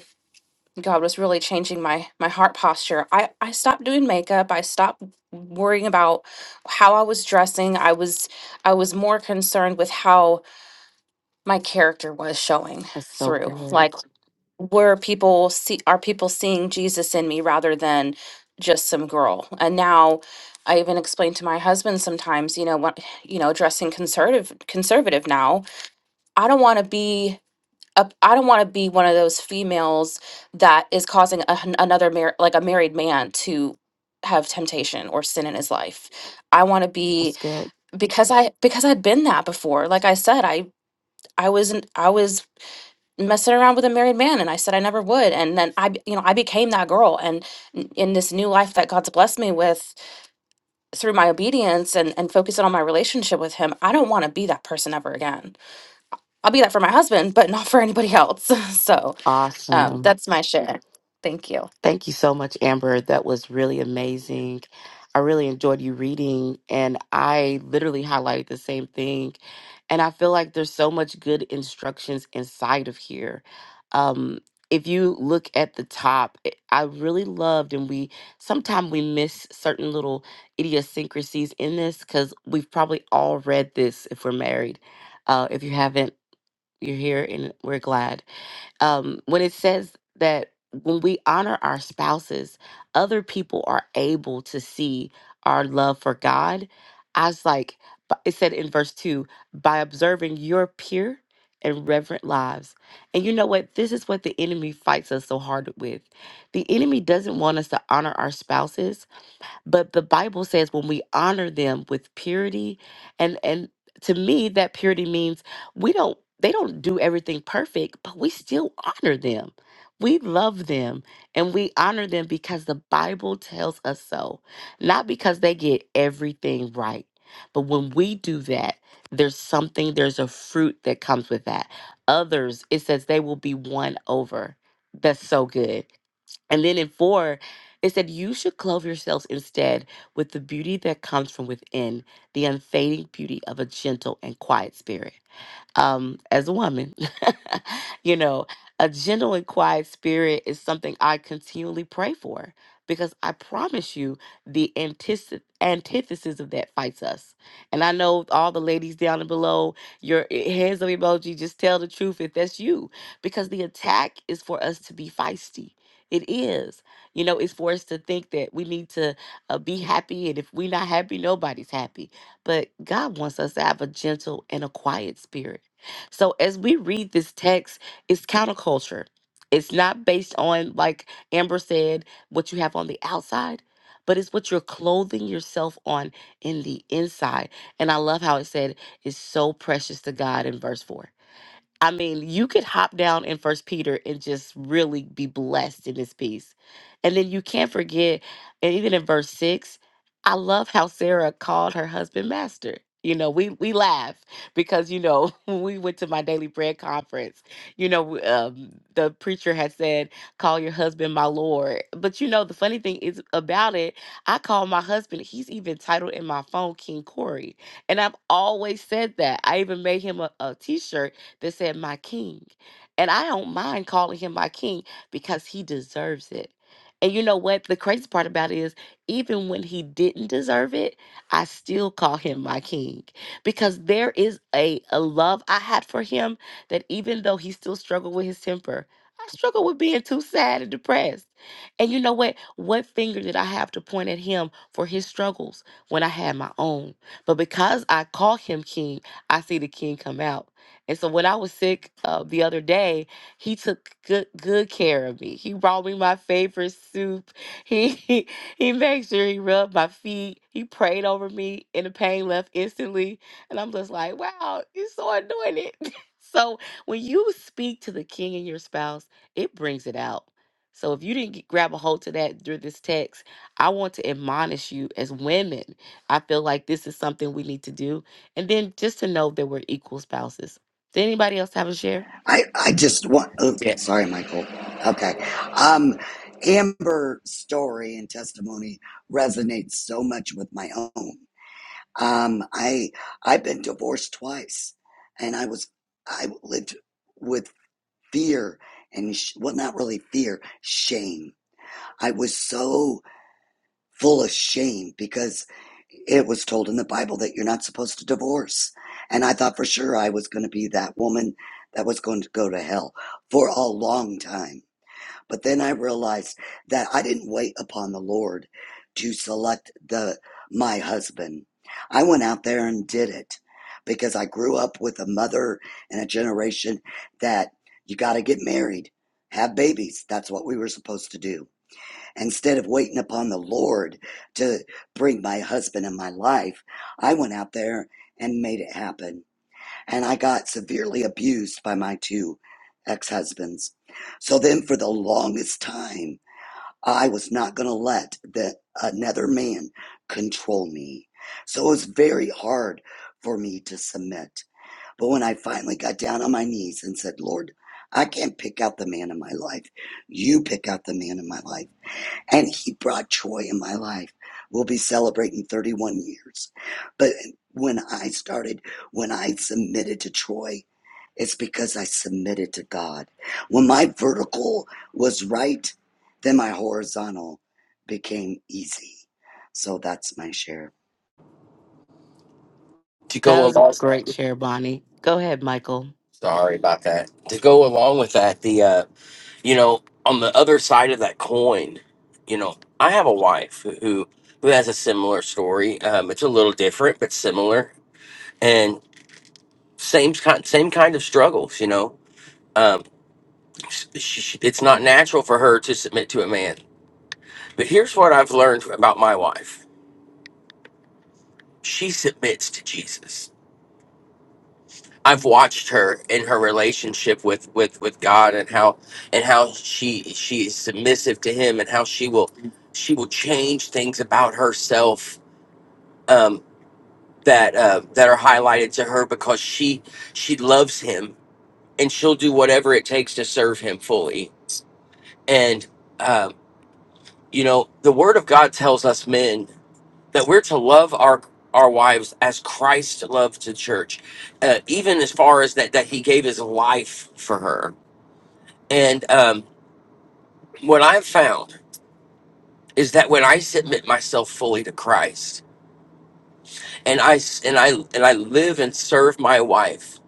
God was really changing my, my heart posture, I, I stopped doing makeup. I stopped worrying about how I was dressing. I was, I was more concerned with how my character was showing That's so through. good. Like were people see are people seeing Jesus in me rather than just some girl? And now I even explain to my husband sometimes, you know, what you know, dressing conservative conservative now, I don't want to be a, I don't want to be one of those females that is causing a, hun- another mar- like a married man to have temptation or sin in his life. I want to be That's good. because I because I'd been that before. Like I said, I I wasn't I was messing around with a married man and I said I never would and then I be- you know I became that girl and n- in this new life that God's blessed me with through my obedience and and focusing on my relationship with him I don't want to be that person ever again I'll be that for my husband but not for anybody else so um Awesome. that's my share thank you Thank you so much, Amber. That was really amazing. I really enjoyed you reading, and I literally highlighted the same thing. And I feel like there's so much good instructions inside of here. Um, if you look at the top, it- I really loved, and we sometimes we miss certain little idiosyncrasies in this because we've probably all read this if we're married. Uh, if you haven't, you're here, and we're glad um, when it says that when we honor our spouses, other people are able to see our love for God. I was like, but it said in verse 2 by observing your pure and reverent lives. And you know what? This is what the enemy fights us so hard with. The enemy doesn't want us to honor our spouses but the Bible says when we honor them with purity, and and to me that purity means we don't they don't do everything perfect, but we still honor them. We love them and we honor them because the Bible tells us so, not because they get everything right. But when we do that, there's something, there's a fruit that comes with that. Others, it says they will be won over. That's so good. And then in four, it said, You should clothe yourselves instead with the beauty that comes from within, the unfading beauty of a gentle and quiet spirit um, as a woman. you know, a gentle and quiet spirit is something I continually pray for because I promise you the antithesis antithesis of that fights us. And I know all the ladies down and below, your e- hands up emoji, just tell the truth if that's you because the attack is for us to be feisty. It is. You know, it's for us to think that we need to uh, be happy. And if we're not happy, nobody's happy. But God wants us to have a gentle and a quiet spirit so as we read this text, it's counterculture. It's not based on, like Amber said, what you have on the outside, but it's what you're clothing yourself on in the inside. And I love how it said, it's so precious to God in verse 4 I mean, you could hop down in First Peter and just really be blessed in this piece. And then you can't forget, and even in verse six, I love how Sarah called her husband master. You know, we we laugh because you know when we went to my daily bread conference, you know, w- um, the preacher had said, "Call your husband my lord." But you know, the funny thing is about it, I call my husband. He's even titled in my phone King Corey, and I've always said that. I even made him a a T-shirt that said, My King. And I don't mind calling him my King because he deserves it. And you know what? The crazy part about it is, even when he didn't deserve it, I still call him my King because there is a, a love I had for him that even though he still struggled with his temper, I struggled with being too sad and depressed. And you know what? What finger did I have to point at him for his struggles when I had my own? But because I call him king, I see the king come out. And so when I was sick uh, the other day, he took good good care of me. He brought me my favorite soup. He he, he made sure he rubbed my feet. He prayed over me, and the pain left instantly. And I'm just like, wow, he's so anointed. so when you speak to the king and your spouse, it brings it out. So if you didn't get, grab a hold to that through this text, I want to admonish you as women. I feel like this is something we need to do. And then just to know that we're equal spouses did anybody else have a share? I, I just want. Oh, yeah sorry, Michael. Okay. Um, Amber's story and testimony resonates so much with my own. Um, I I've been divorced twice, and I was I lived with fear and sh- well, not really fear, shame. I was so full of shame because it was told in the Bible that you're not supposed to divorce. And I thought for sure I was going to be that woman that was going to go to hell for a long time. But then I realized that I didn't wait upon the Lord to select the my husband. I went out there and did it because I grew up with a mother and a generation that you got to get married, have babies. That's what we were supposed to do Instead of waiting upon the Lord to bring my husband in my life, I went out there and made it happen. And I got severely abused by my two ex husbands. So then, for the longest time, I was not going to let the, another man control me. So it was very hard for me to submit. But when I finally got down on my knees and said, Lord, I can't pick out the man in my life. You pick out the man in my life and he brought joy in my life. We'll be celebrating 31 years. But when I started, when I submitted to Troy, it's because I submitted to God. When my vertical was right, then my horizontal became easy. So that's my share. to That go was a along great share, Bonnie. Go ahead, Michael. Sorry about that. To go along with that, the uh, you know, on the other side of that coin, you know, I have a wife who who who has a similar story. Um, it's a little different, but similar, and same kind same kind of struggles. You know, um, sh sh it's not natural for her to submit to a man. But here's what I've learned about my wife: she submits to Jesus I've watched her in her relationship with with with God and how and how she she is submissive to Him and how she will she will change things about herself um, that uh, that are highlighted to her because she she loves Him and she'll do whatever it takes to serve Him fully. And um, you know the Word of God tells us men that we're to love our our wives as Christ loved the church, uh, even as far as that that He gave His life for her And um, what I've found is that when I submit myself fully to Christ, and I s- and I and I live and serve my wife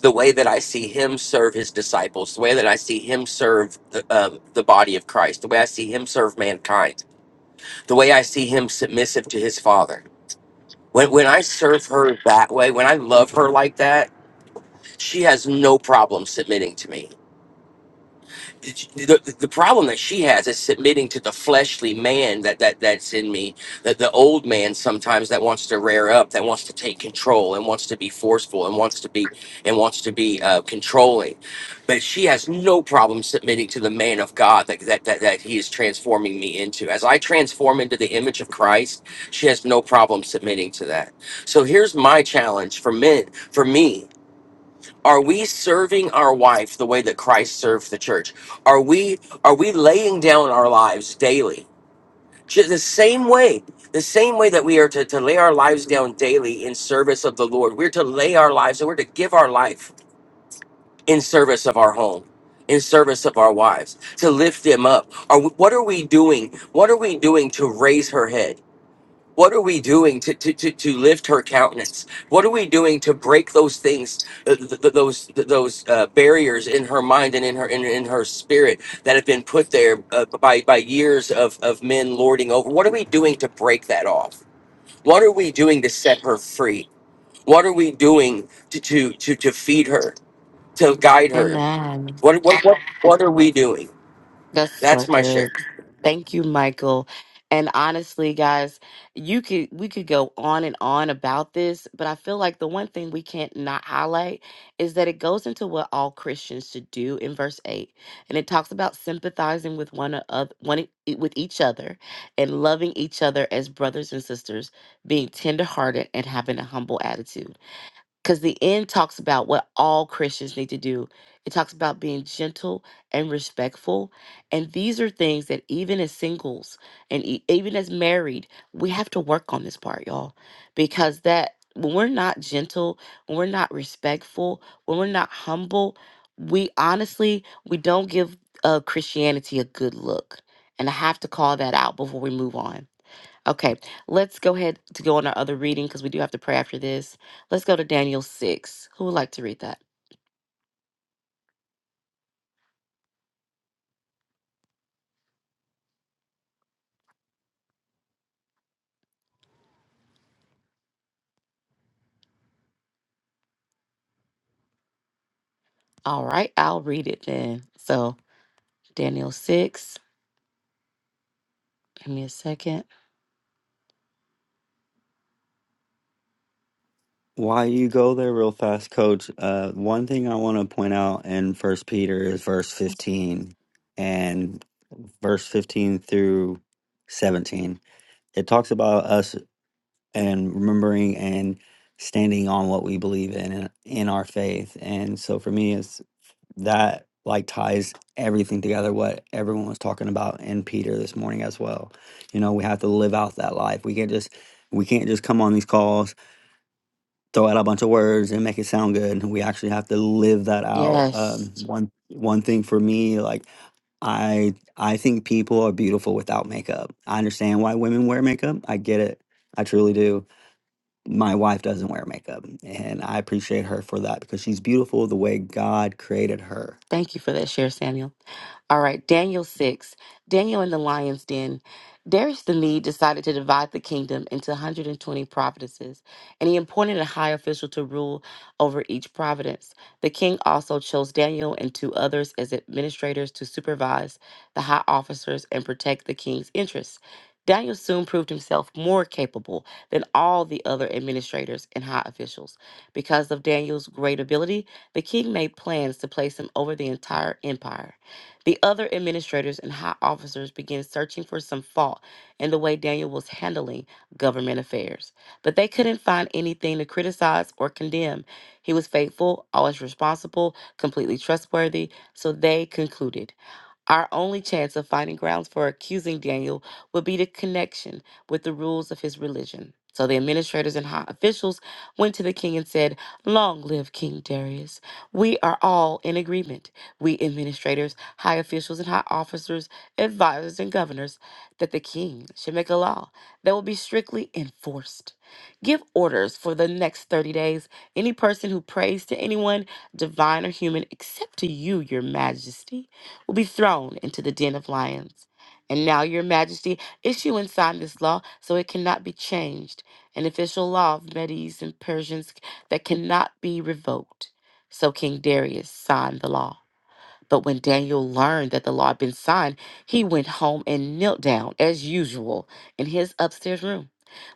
the way that I see Him serve His disciples, the way that I see Him serve the, um, the body of Christ, the way I see Him serve mankind, the way I see Him submissive to His Father. When when I serve her that way, when I love her like that, she has no problem submitting to me the, the problem that she has is submitting to the fleshly man that, that that's in me that the old man sometimes that wants to rear up that wants to take control and wants to be forceful and wants to be and wants to be uh, controlling but she has no problem submitting to the man of god that, that that that he is transforming me into as i transform into the image of christ she has no problem submitting to that so here's my challenge for men for me are we serving our wife the way that Christ served the church? Are we are we laying down our lives daily? Ju- The same way, the same way that we are to, to lay our lives down daily in service of the Lord. We're to lay our lives and we're to give our life in service of our home, in service of our wives, to lift them up. Are we, what are we doing? What are we doing to raise her head? What are we doing to, to, to, to lift her countenance? What are we doing to break those things, uh, th- th- those th- those uh, barriers in her mind and in her in, in her spirit that have been put there uh, by by years of, of men lording over? What are we doing to break that off? What are we doing to set her free? What are we doing to to to, to feed her, to guide her? Amen. What, what what what are we doing? That's so That's my good. share. Thank you, Michael. And honestly, guys, you could we could go on and on about this, but I feel like the one thing we can't not highlight is that it goes into what all Christians should do in verse 8. And it talks about sympathizing with one another, one e- e, with each other and loving each other as brothers and sisters, being tenderhearted and having a humble attitude. because the end talks about what all Christians need to do. It talks about being gentle and respectful. And these are things that even as singles and e- even as married, we have to work on this part, y'all, because that when we're not gentle, when we're not respectful, when we're not humble, we honestly, we don't give uh, Christianity a good look. And I have to call that out before we move on Okay, let's go ahead to go on our other reading because we do have to pray after this. Let's go to Daniel 6. Who would like to read that? All right, I'll read it then. So, Daniel 6, give me a second. Why you go there real fast, Coach? Uh, one thing I want to point out in First Peter is verse fifteen, and verse fifteen through seventeen. It talks about us. and remembering and standing on what we believe in in in our faith. And so for me, it's that like ties everything together what everyone was talking about in Peter this morning as well. You know, we have to live out that life. We can't just we can't just come on these calls, throw out a bunch of words and make it sound good. No, We actually have to live that out. Yes. Um, one one thing for me, like I I think people are beautiful without makeup. I understand why women wear makeup. I get it. I truly do my wife doesn't wear makeup and i appreciate her for that because she's beautiful the way god created her Thank you for that share, Samuel. All right, Daniel 6. Daniel in the lion's den. Darius the Mede decided to divide the kingdom into 120 providences, and he appointed a high official to rule over each providence. The king also chose Daniel and two others as administrators to supervise the high officers and protect the king's interests. Daniel soon proved himself more capable than all the other administrators and high officials. Because of Daniel's great ability, the king made plans to place him over the entire empire. The other administrators and high officers began searching for some fault in the way Daniel was handling government affairs, but they couldn't find anything to criticize or condemn. He was faithful, always responsible, completely trustworthy, so they concluded. Our only chance of finding grounds for accusing Daniel would be the connection with the rules of his religion. So the administrators and high officials went to the king and said, Long live King Darius. We are all in agreement, we administrators, high officials, and high officers, advisors, and governors, that the king should make a law that will be strictly enforced. Give orders for the next 30 days. Any person who prays to anyone, divine or human, except to you, your majesty will be thrown into the den of lions. And now, Your Majesty, issue and sign this law so it cannot be changed, an official law of Medes and Persians that cannot be revoked. So King Darius signed the law. But when Daniel learned that the law had been signed, he went home and knelt down, as usual, in his upstairs room.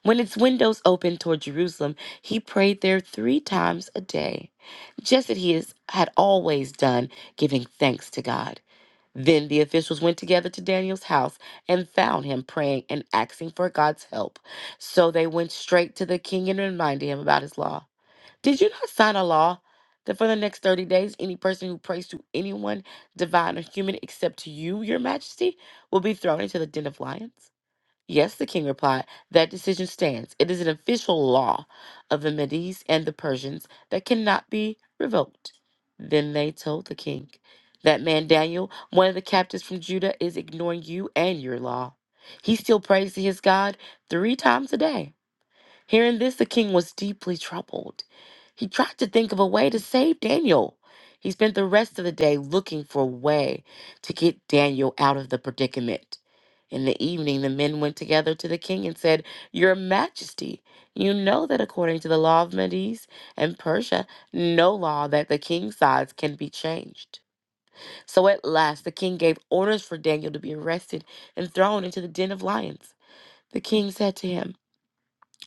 When its windows opened toward Jerusalem, he prayed there three times a day, just as he has- had always done, giving thanks to God. Then the officials went together to Daniel's house and found him praying and asking for God's help. So they went straight to the king and reminded him about his law. Did you not sign a law that for the next 30 days, any person who prays to anyone, divine or human, except to you, your majesty, will be thrown into the den of lions? Yes, the king replied, that decision stands. It is an official law of the Medes and the Persians that cannot be revoked. Then they told the king, That man Daniel, one of the captives from Judah, is ignoring you and your law. He still prays to his God three times a day. Hearing this, the king was deeply troubled. He tried to think of a way to save Daniel. He spent the rest of the day looking for a way to get Daniel out of the predicament. In the evening, the men went together to the king and said, Your Majesty, you know that according to the law of Medes and Persia, no law that the king's size can be changed. So at last, the king gave orders for Daniel to be arrested and thrown into the den of lions. The king said to him,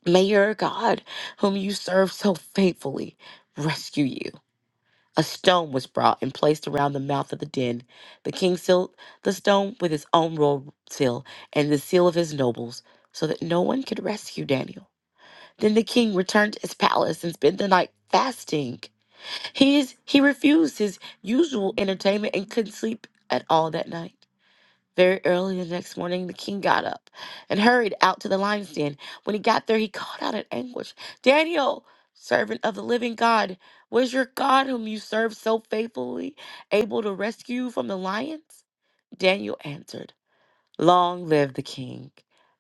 May your God, whom you serve so faithfully, rescue you. A stone was brought and placed around the mouth of the den. The king sealed the stone with his own royal seal and the seal of his nobles, so that no one could rescue Daniel. Then the king returned to his palace and spent the night fasting. He, is, he refused his usual entertainment and couldn't sleep at all that night. Very early the next morning, the king got up and hurried out to the lion's den. When he got there, he called out in anguish Daniel, servant of the living God, was your God, whom you served so faithfully, able to rescue you from the lions? Daniel answered, Long live the king.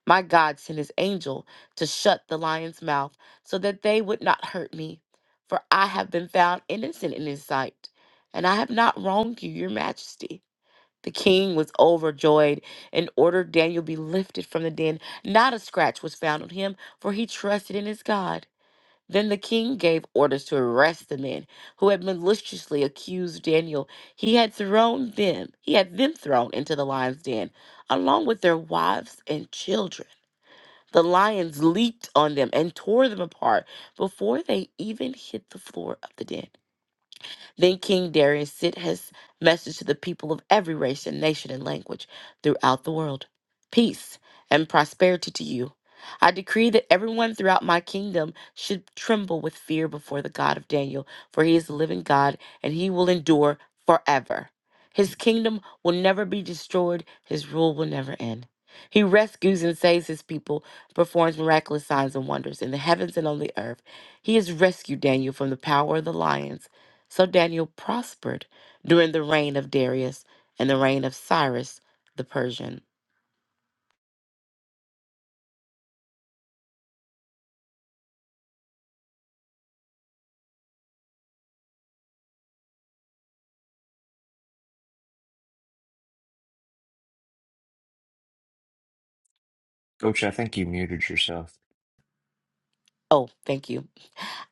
My God sent his angel to shut the lion's mouth so that they would not hurt me, for I have been found innocent in his sight, and I have not wronged you, your majesty. The king was overjoyed and ordered Daniel be lifted from the den. Not a scratch was found on him, for he trusted in his God. Then the king gave orders to arrest the men who had maliciously accused Daniel. He had thrown them, he had them thrown into the lion's den, along with their wives and children. The lions leaped on them and tore them apart before they even hit the floor of the den. Then King Darius sent his message to the people of every race and nation and language throughout the world Peace and prosperity to you. I decree that everyone throughout my kingdom should tremble with fear before the God of Daniel, for he is the living God and he will endure forever. His kingdom will never be destroyed, his rule will never end. He rescues and saves his people, performs miraculous signs and wonders in the heavens and on the earth. He has rescued Daniel from the power of the lions so Daniel prospered during the reign of Darius and the reign of Cyrus the Persian. Coach, I think you muted yourself. Oh, thank you.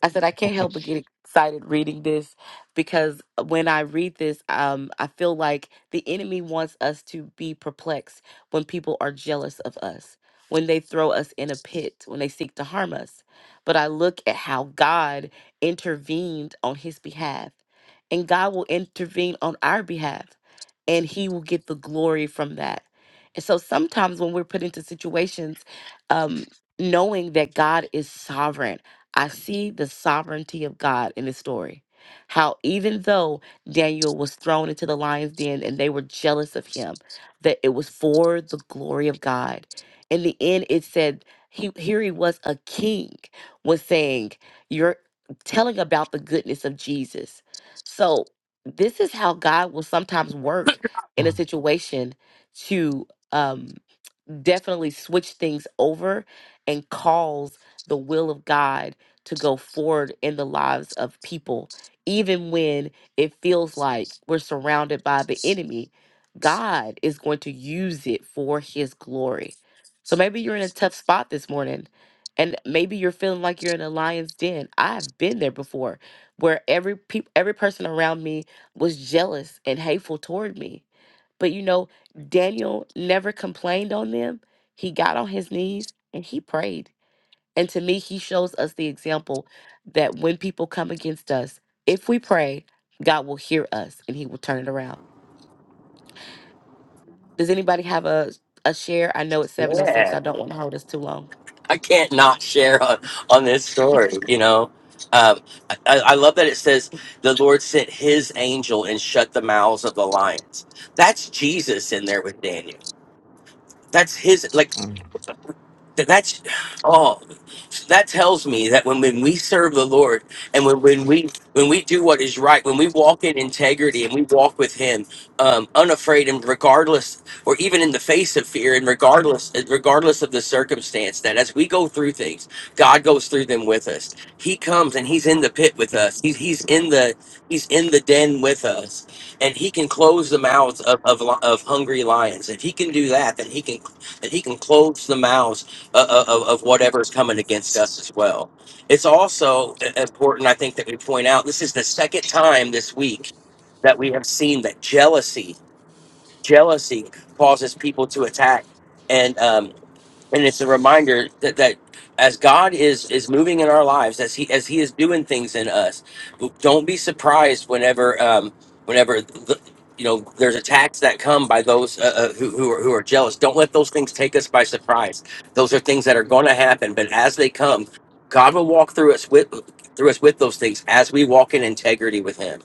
I said I can't help but get excited reading this because when I read this, um, I feel like the enemy wants us to be perplexed when people are jealous of us, when they throw us in a pit, when they seek to harm us. But I look at how God intervened on his behalf, and God will intervene on our behalf, and he will get the glory from that. And so sometimes when we're put into situations, um, knowing that God is sovereign I see the sovereignty of God in this story. How even though Daniel was thrown into the lion's den and they were jealous of him, that it was for the glory of God. In the end, it said he here he was a king was saying, You're telling about the goodness of Jesus. So this is how God will sometimes work in a situation to um definitely switch things over and cause the will of God to go forward in the lives of people. Even when it feels like we're surrounded by the enemy, God is going to use it for his glory. So maybe you're in a tough spot this morning and maybe you're feeling like you're in a lion's den. I've been there before where every peop every person around me was jealous and hateful toward me but you know, Daniel never complained on them. He got on his knees and he prayed. And to me, he shows us the example that when people come against us, if we pray, God will hear us and he will turn it around. Does anybody have a, a share? I know it's 706. I don't want to hold us too long. I can't not share on, on this story, you know. Um, I, I I love that it says the Lord sent his angel and shut the mouths of the lions. That's Jesus in there with Daniel. That's his like Mm. that that's oh that tells me that when, when we serve the Lord and when, when we when we do what is right, when we walk in integrity and we walk with Him, um, unafraid and regardless, or even in the face of fear and regardless regardless of the circumstance, that as we go through things, God goes through them with us. He comes and He's in the pit with us. He's He's in the He's in the den with us, and He can close the mouths of of, li- of hungry lions. If He can do that, then He can that He can close the mouths uh, uh, of, of whatever's coming against us as well. It's also important, I think, that we point out this is the second time this week that we have seen that jealousy, jealousy causes people to attack. And um, and it's a reminder that that as God is is moving in our lives, as he as he is doing things in us, don't be surprised whenever um whenever the, you know there's attacks that come by those uh, uh, who who are, who are jealous. Don't let those things take us by surprise. Those are things that are going to happen, but as they come, God will walk through us with through us with those things as we walk in integrity with Him.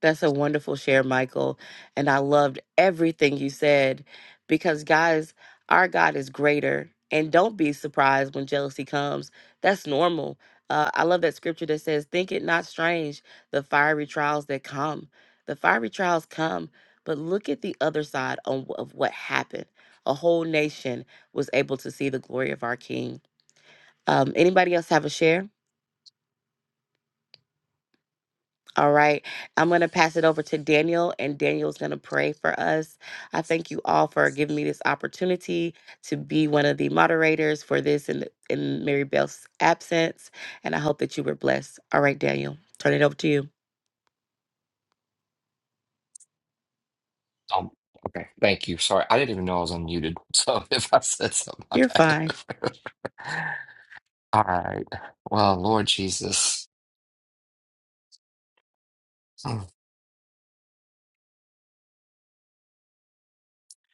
That's a wonderful share, Michael. And I loved everything you said because, guys, our God is greater. And don't be surprised when jealousy comes. That's normal. Uh, I love that scripture that says, Think it not strange, the fiery trials that come. The fiery trials come, but look at the other side on, of what happened. A whole nation was able to see the glory of our King. Um, anybody else have a share? All right. I'm going to pass it over to Daniel, and Daniel's going to pray for us. I thank you all for giving me this opportunity to be one of the moderators for this in, in Mary Bell's absence. And I hope that you were blessed. All right, Daniel, turn it over to you. Um, okay, thank you. Sorry, I didn't even know I was unmuted. So if I said something, my You're bad. fine. All right. Well, Lord Jesus, Mm.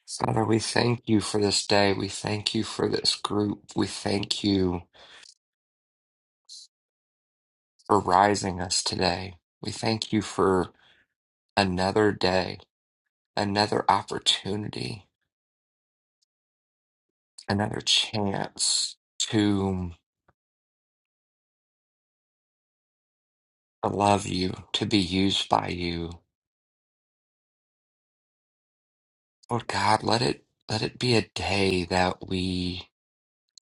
Father, we thank you for this day. We thank you for this group. We thank you for rising us today. We thank you for another day, another opportunity, another chance to love you, to be used by you Lord God, let it let it be a day that we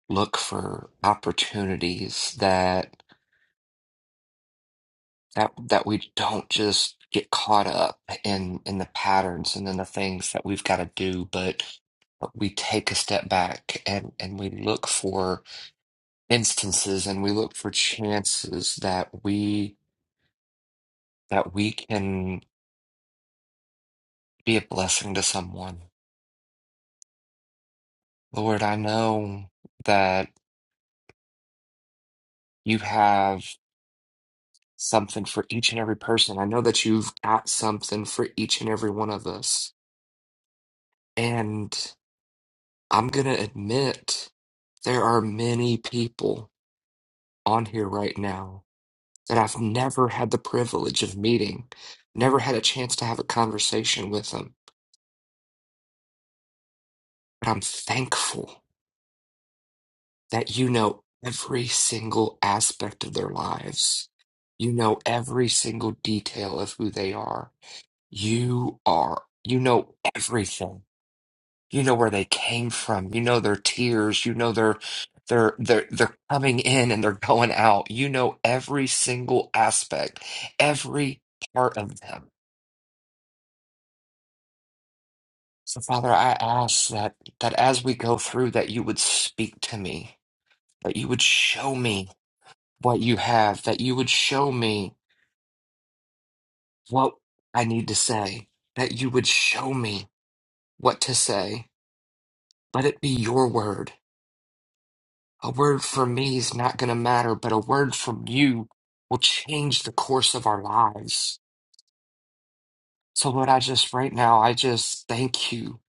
look for opportunities that that that we don't just get caught up in in the patterns and in the things that we've got to do, but we take a step back and and we look for instances and we look for chances that we that we can be a blessing to someone. Lord, I know that you have. something for each and every person. I know that you've got something for each and every one of us. And I'm going to admit there are many people on here right now that I've never had the privilege of meeting, never had a chance to have a conversation with them. But I'm thankful that you know every single aspect of their lives. You know every single detail of who they are. You are, you know everything You know where they came from. You know their tears. You know their their their they're coming in and they're going out. You know every single aspect, every part of them. So Father, I ask that that as we go through that you would speak to me, that you would show me what you have, that you would show me what I need to say, that you would show me what to say. Let it be your word. A word from me is not going to matter, but a word from you will change the course of our lives. So, Lord, I just right now, I just thank you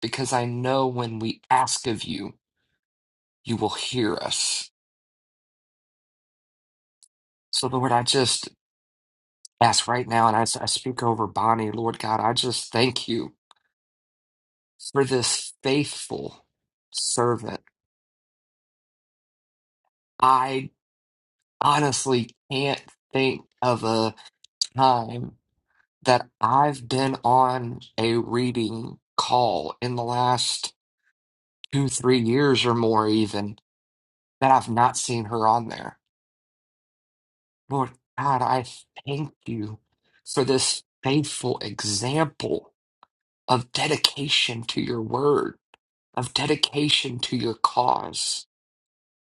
because I know when we ask of you, you will hear us. So, Lord, I just ask right now, and I, I speak over Bonnie, Lord God, I just thank you for this faithful servant. I honestly can't think of a time that I've been on a reading call in the last two, three years or more, even that I've not seen her on there. Lord God, I thank you for this faithful example of dedication to your word, of dedication to your cause.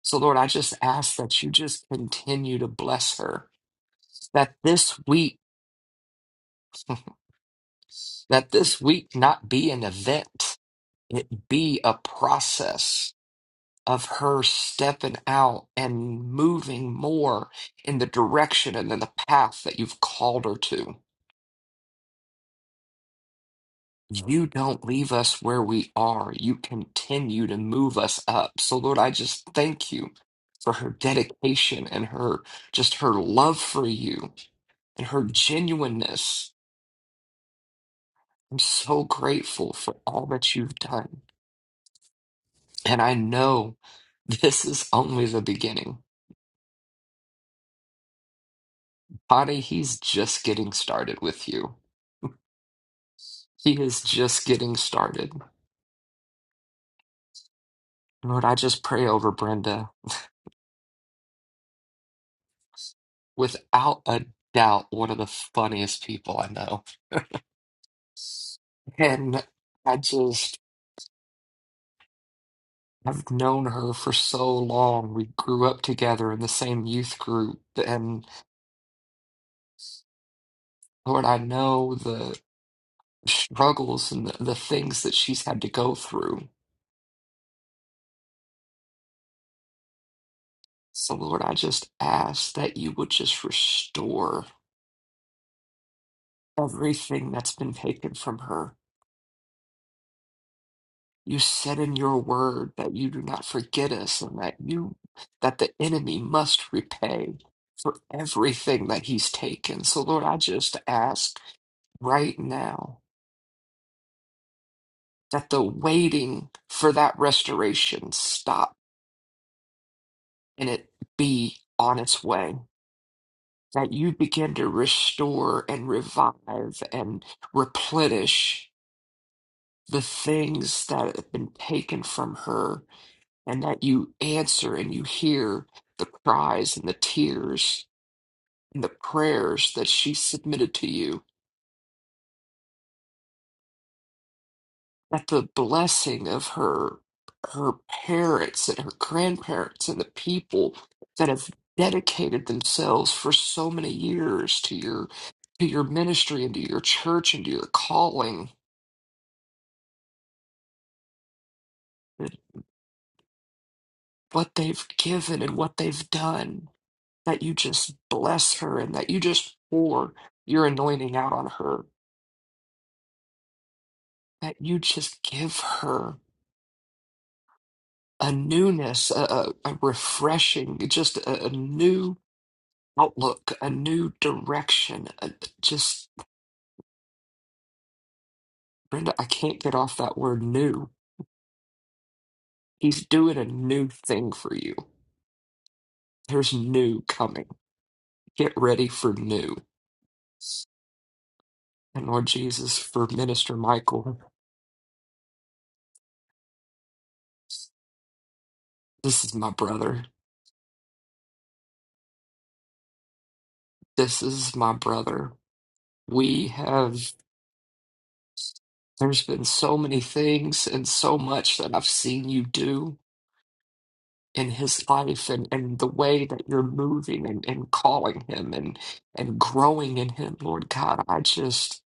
So, Lord, I just ask that you just continue to bless her, that this week, that this week not be an event, it be a process of her stepping out and moving more in the direction and in the path that you've called her to. You don't leave us where we are. You continue to move us up. So, Lord, I just thank you for her dedication and her just her love for you and her genuineness. I'm so grateful for all that you've done. And I know this is only the beginning. Bonnie, he's just getting started with you. He is just getting started. Lord, I just pray over Brenda. Without a doubt, one of the funniest people I know. And I just, I've known her for so long. We grew up together in the same youth group. And Lord, I know the struggles and the, the things that she's had to go through. So, Lord, I just ask that you would just restore everything that's been taken from her You said in your word that you do not forget us and that you that the enemy must repay for everything that he's taken. So Lord, I just ask right now that the waiting for that restoration stop and it be on its way. That you begin to restore and revive and replenish the things that have been taken from her and that you answer and you hear the cries and the tears and the prayers that she submitted to you that the blessing of her her parents and her grandparents and the people that have dedicated themselves for so many years to your to your ministry and to your church and to your calling that what they've given and what they've done that you just bless her and that you just pour your anointing out on her that you just give her a newness, a, a a refreshing, just a, a new outlook, a new direction. A, just, Brenda, I can't get off that word new. He's doing a new thing for you. There's new coming. Get ready for new. And Lord Jesus, for Minister Michael, this is my brother. This is my brother. We have, there's been so many things and so much that I've seen you do in his life and, and the way that you're moving and, and calling him and and growing in him, Lord God. I just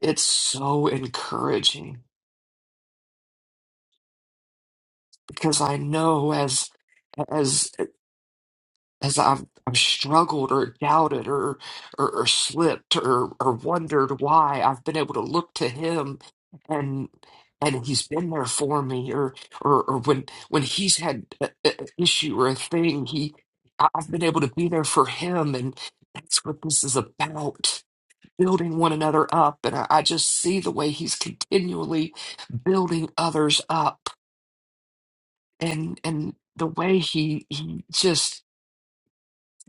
it's so encouraging because I know as as as I've I've struggled or doubted or or, or slipped or or wondered why I've been able to look to him and and he's been there for me or or, or when when he's had an issue or a thing he I- I've been able to be there for him and that's what this is about building one another up and I, I just see the way he's continually building others up and and the way he he just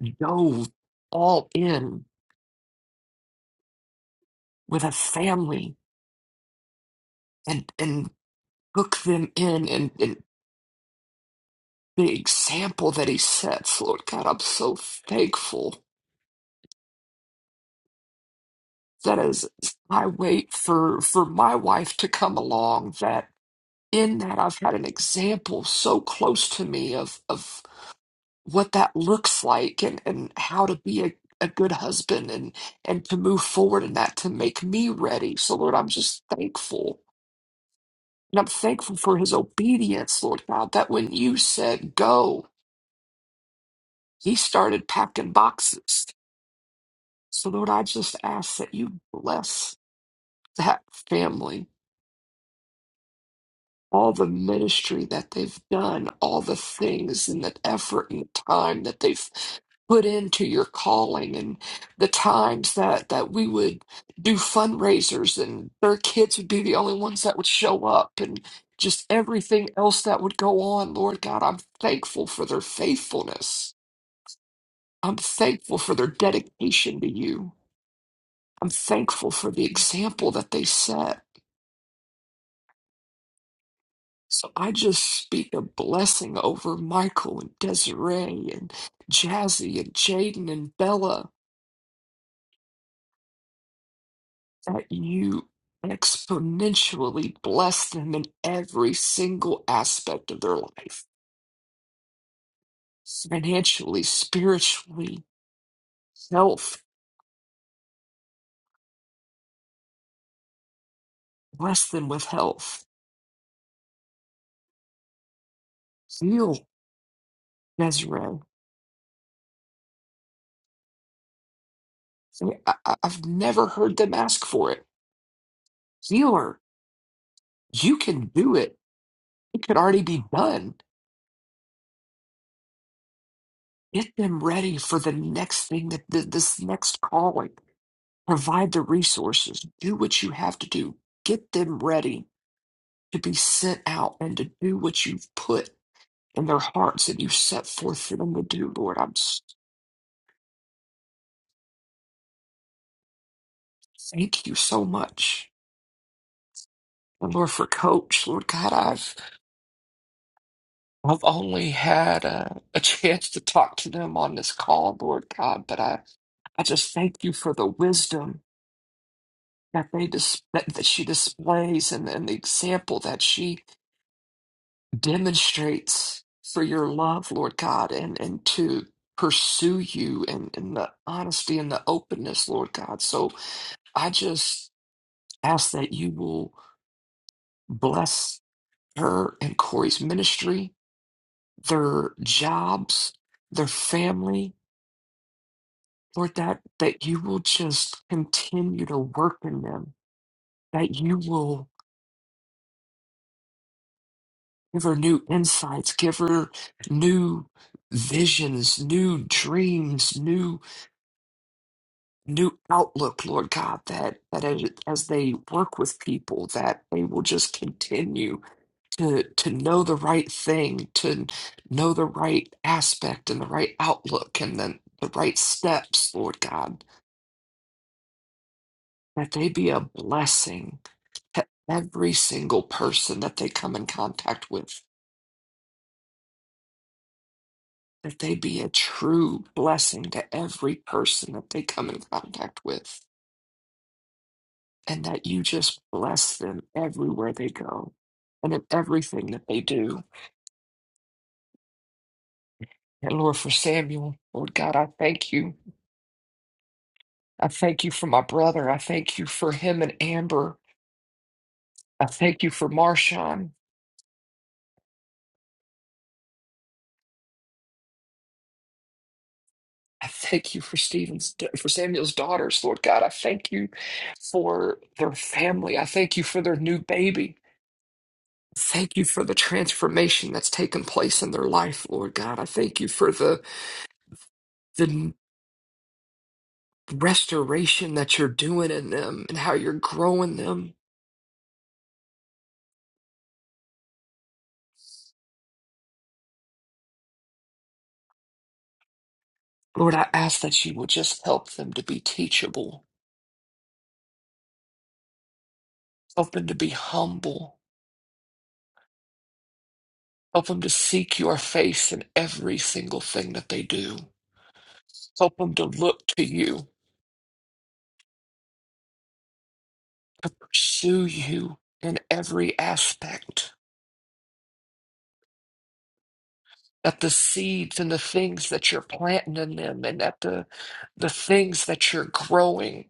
dove all in with a family and and took them in and, and the example that he sets lord god i'm so thankful that as i wait for for my wife to come along that in that i've had an example so close to me of of what that looks like and and how to be a a good husband and and to move forward in that to make me ready so lord i'm just thankful And I'm thankful for his obedience, Lord God, that when you said go, he started packing boxes. So, Lord, I just ask that you bless that family all the ministry that they've done, all the things and the effort and the time that they've put into your calling and the times that that we would do fundraisers and their kids would be the only ones that would show up and just everything else that would go on lord god i'm thankful for their faithfulness i'm thankful for their dedication to you i'm thankful for the example that they set So I just speak a blessing over Michael and Desiree and Jazzy and Jaden and Bella that you exponentially bless them in every single aspect of their life financially, spiritually, health. Bless them with health. Heal Desiree. I, I- I've never heard them ask for it. Heal her. You can do it. It could already be done Get them ready for the next thing that th- this next calling. Provide the resources. Do what you have to do. Get them ready to be sent out and to do what you've put in their hearts and you set forth for them to do, Lord. I'm s- thank you so much. And Lord, for Coach, Lord God, I've I've only had a, a chance to talk to them on this call, Lord God, but I, I just thank you for the wisdom that they dis- that, that she displays and, and the example that she demonstrates for your love, Lord God, and, and to pursue you and, and the honesty and the openness, Lord God. So I just ask that you will bless her and Corey's ministry, their jobs, their family, Lord, that, that you will just continue to work in them, that you will give her new insights, give her new visions, new dreams, new new outlook, Lord God, that that as, as they work with people, that they will just continue to to know the right thing, to know the right aspect and the right outlook and then the right steps, Lord God, that they be a blessing to every single person that they come in contact with. That they be a true blessing to every person that they come in contact with and that you just bless them everywhere they go and in everything that they do. And Lord, for Samuel, Lord God, I thank you. I thank you for my brother. I thank you for him and Amber. I thank you for Marshawn. I thank you for Stephen's for Samuel's daughters, Lord God. I thank you for their family. I thank you for their new baby. Thank you for the transformation that's taken place in their life, Lord God. I thank you for the the restoration that you're doing in them and how you're growing them. Lord, I ask that you will just help them to be teachable, help them to be humble, help them to seek your face in every single thing that they do, help them to look to you, pursue you in every aspect. That the seeds and the things that you're planting in them, and that the the things that you're growing,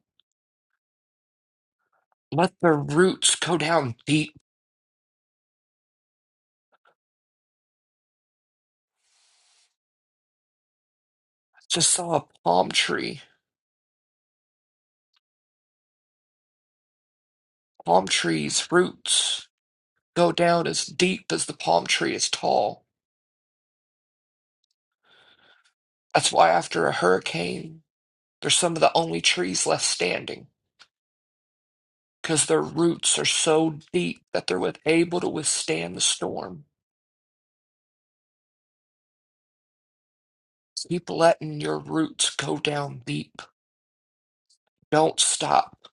let the roots go down deep. Just saw a palm tree Palm trees' roots go down as deep as the palm tree is tall. That's why after a hurricane, they're some of the only trees left standing because their roots are so deep that they're with- able to withstand the storm. Keep letting your roots go down deep. Don't stop.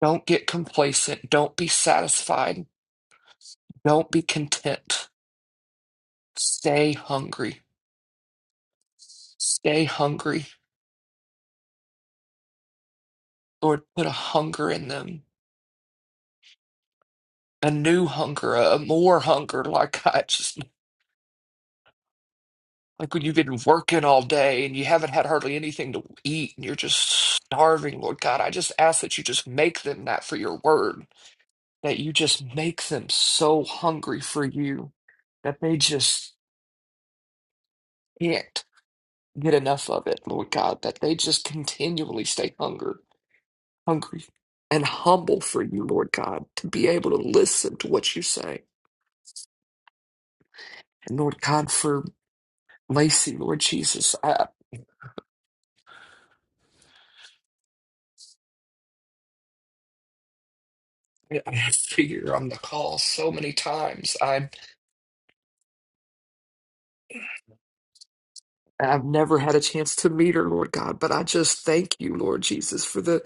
Don't get complacent. Don't be satisfied. Don't be content. Stay hungry. Stay hungry. Lord, put a hunger in them a new hunger, a a more hunger, like I just like when you've been working all day and you haven't had hardly anything to eat and you're just starving, Lord God, I just ask that you just make them that for your word, that you just make them so hungry for you that they just can't get enough of it, Lord God, that they just continually stay hunger, hungry and humble for you, Lord God, to be able to listen to what you say. And Lord God, for Lacey, Lord Jesus. I have fear on the call so many times. I I've never had a chance to meet her, Lord God, but I just thank you, Lord Jesus, for the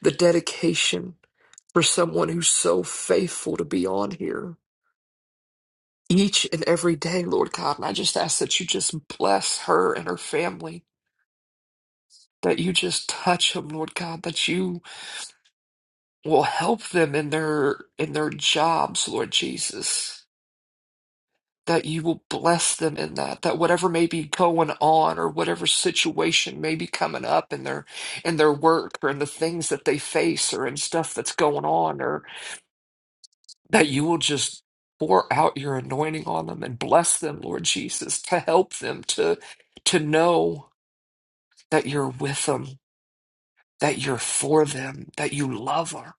the dedication for someone who's so faithful to be on here each and every day, Lord God. And I just ask that you just bless her and her family, that you just touch them, Lord God, that you will help them in their in their jobs, Lord Jesus that you will bless them in that that whatever may be going on or whatever situation may be coming up in their in their work or in the things that they face or in stuff that's going on or that you will just pour out your anointing on them and bless them lord jesus to help them to to know that you're with them that you're for them that you love them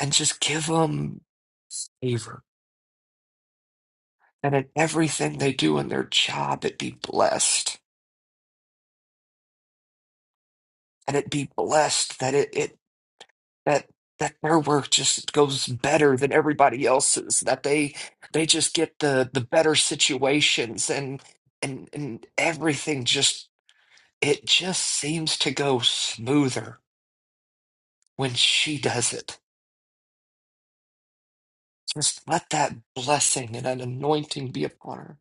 and just give them favor and in everything they do in their job it be blessed And it be blessed, that it, it that that their work just goes better than everybody else's, that they they just get the the better situations and and and everything just it just seems to go smoother when she does it. Just let that blessing and an anointing be upon her.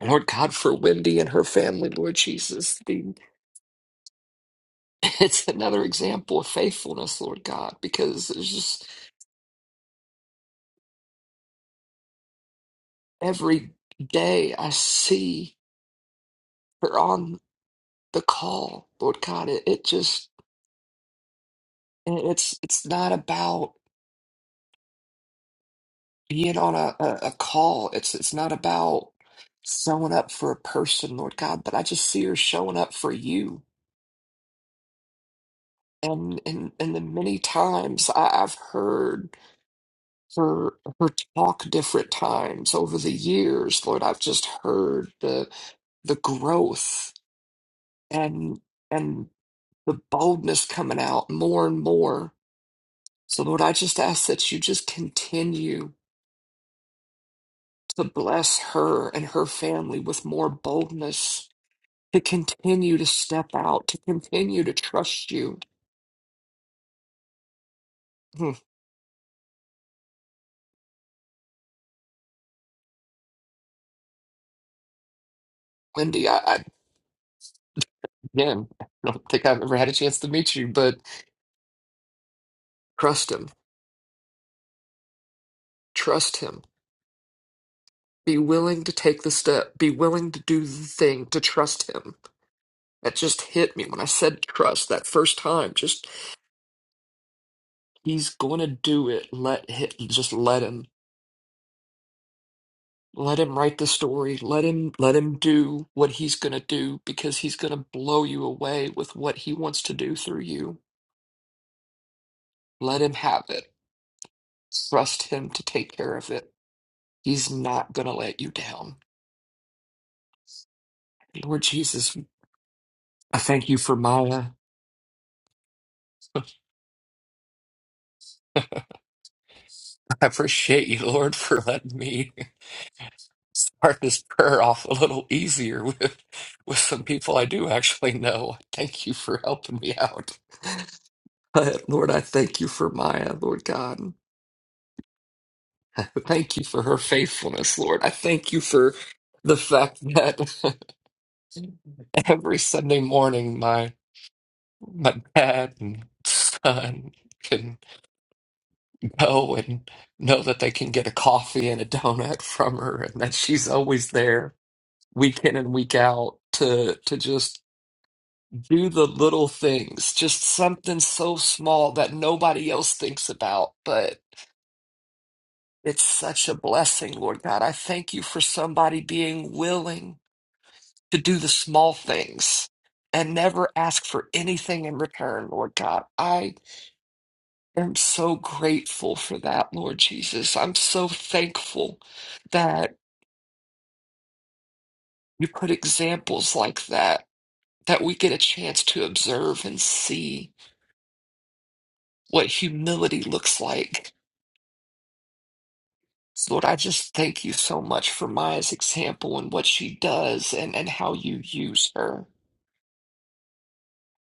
Lord God, for Wendy and her family, Lord Jesus, the, it's another example of faithfulness, Lord God, because it's just every day I see. her on the call, Lord God. It, it just and it's it's not about being on a, a, a call. It's it's not about showing up for a person, Lord God, but I just see her showing up for you. And and and the many times I, I've heard her her talk different times over the years, Lord, I've just heard the the growth and and the boldness coming out more and more So, Lord, I just ask that you just continue to bless her and her family with more boldness to continue to step out, to continue to trust you. Hmm. Wendy, I, I again, I don't think I've ever had a chance to meet you, but trust him. Trust him. Be willing to take the step. Be willing to do the thing to trust him. That just hit me when I said trust that first time. Just he's going to do it. Let him, just let him. Let him write the story. Let him let him do what he's going to do because he's going to blow you away with what he wants to do through you. Let him have it. Trust him to take care of it. He's not going to let you down. Lord Jesus, I thank you for Maya. I appreciate you, Lord, for letting me start this prayer off a little easier with with some people I do actually know. Thank you for helping me out. But Lord, I thank you for Maya, Lord God. I Thank you for her faithfulness, Lord. I thank you for the fact that every Sunday morning my my dad and son can go and know that they can get a coffee and a donut from her and that she's always there week in and week out to to just do the little things, just something so small that nobody else thinks about, but it's such a blessing, Lord God. I thank you for somebody being willing to do the small things and never ask for anything in return, Lord God. I am so grateful for that, Lord Jesus. I'm so thankful that you put examples like that, that we get a chance to observe and see what humility looks like. So, Lord, I just thank you so much for Maya's example and what she does and, and how you use her.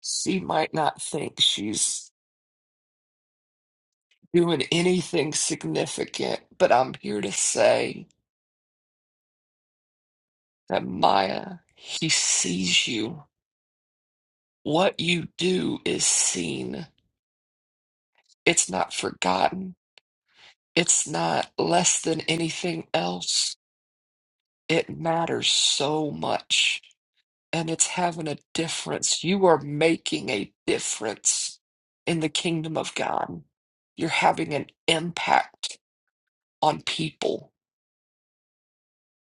She might not think she's doing anything significant, but I'm here to say that Maya, he sees you. What you do is seen. It's not forgotten. It's not less than anything else. It matters so much. And it's having a difference. You are making a difference in the kingdom of God. You're having an impact on people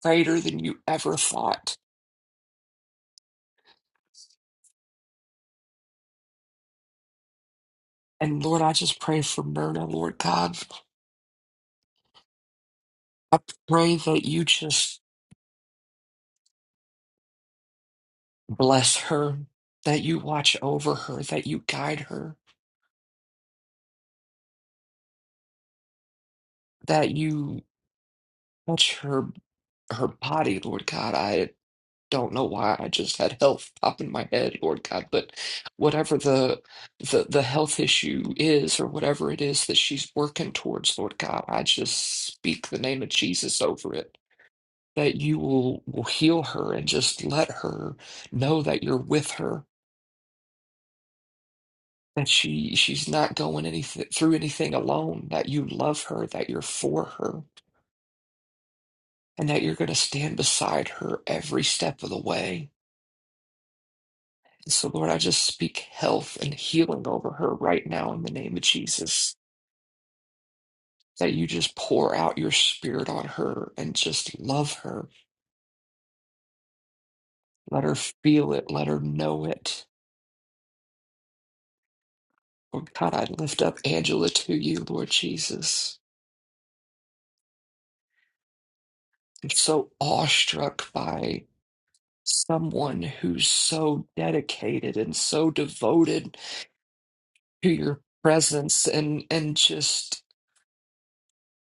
greater than you ever thought And Lord, I just pray for Myrna, Lord God. I pray that you just bless her, that you watch over her, that you guide her, that you touch her her body, Lord God. I don't know why I just had health pop in my head, Lord God, but whatever the the the health issue is or whatever it is that she's working towards, Lord God, I just speak the name of Jesus over it. That you will will heal her and just let her know that you're with her And she she's not going anything through anything alone, that you love her, that you're for her, and that you're going to stand beside her every step of the way. And so, Lord, I just speak health and healing over her right now in the name of Jesus. That you just pour out your spirit on her and just love her. Let her feel it. Let her know it. Lord God, I lift up Angela to you, Lord Jesus. I'm so awestruck by someone who's so dedicated and so devoted to your presence and and just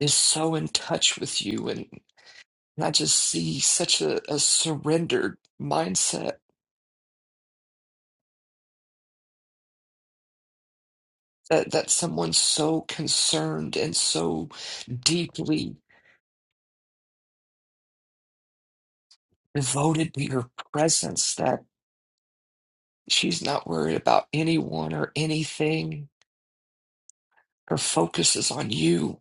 is so in touch with you and I just see such a, a surrendered mindset that, that someone's so concerned and so deeply devoted to your presence that she's not worried about anyone or anything. Her focus is on you.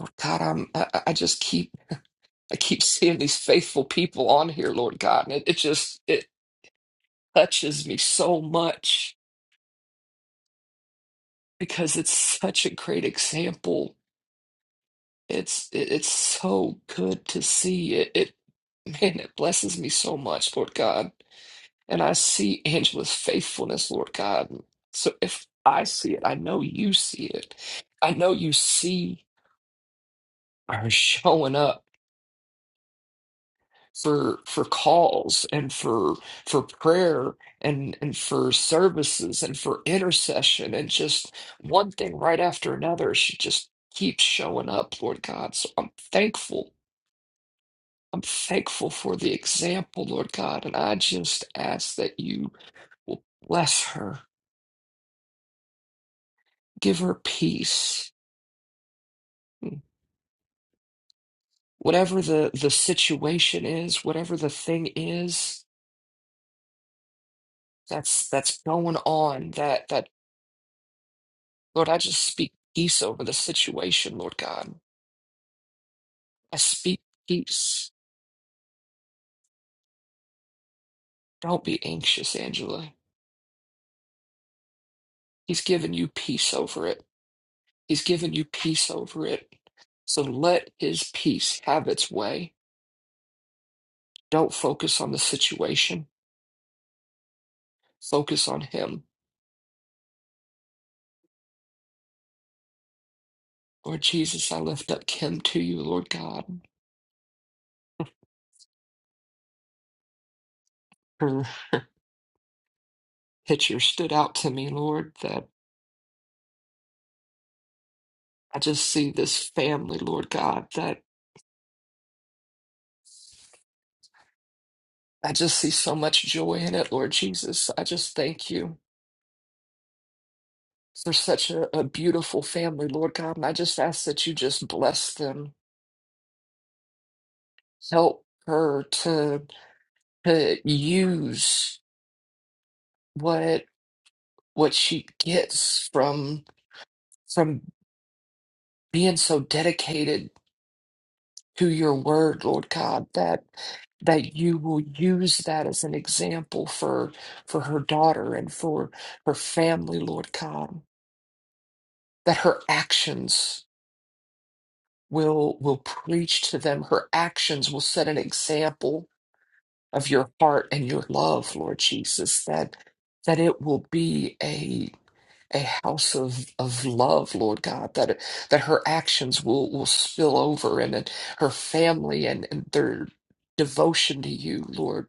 Oh, God, I'm, I, I just keep I keep seeing these faithful people on here, Lord God, and it, it just it touches me so much because it's such a great example. It's it, it's so good to see it. It man, it blesses me so much, Lord God. And I see Angela's faithfulness, Lord God. So if I see it, I know you see it. I know you see her showing up for for calls and for for prayer and and for services and for intercession and just one thing right after another she just keeps showing up lord god so i'm thankful i'm thankful for the example lord god and i just ask that you will bless her give her peace whatever the the situation is whatever the thing is that's that's going on that that. Lord, I just speak peace over the situation, Lord God. I speak peace. Don't be anxious, Angela. He's given you peace over it. He's given you peace over it. So let his peace have its way. Don't focus on the situation, focus on him. Lord Jesus, I lift up Kim to you, Lord God. Her picture stood out to me, Lord, that I just see this family, Lord God, that I just see so much joy in it, Lord Jesus. I just thank you. for such a, a beautiful family, Lord God. And I just ask that you just bless them, help her to to use what what she gets from from being so dedicated to your word, Lord God, that that you will use that as an example for for her daughter and for her family, Lord God, that her actions will will preach to them her actions will set an example of your heart and your love, Lord Jesus, that that it will be a a house of, of love, Lord God, that that her actions will will spill over and, and her family and, and their devotion to you, Lord,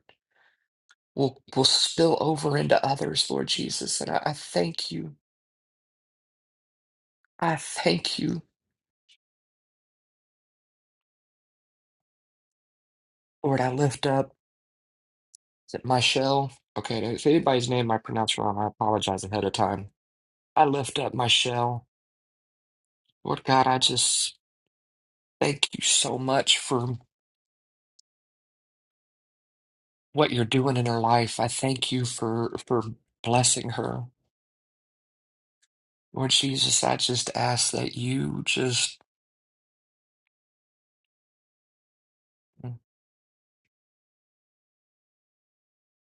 will will spill over into others, Lord Jesus. And I, I thank you. I thank you, Lord. I lift up is it Michelle. Okay, if anybody's name I pronounce wrong, I apologize ahead of time. I lift up Michelle. Lord God, I just Thank you so much for what you're doing in her life. I thank you for for blessing her. Lord Jesus, I just ask that you just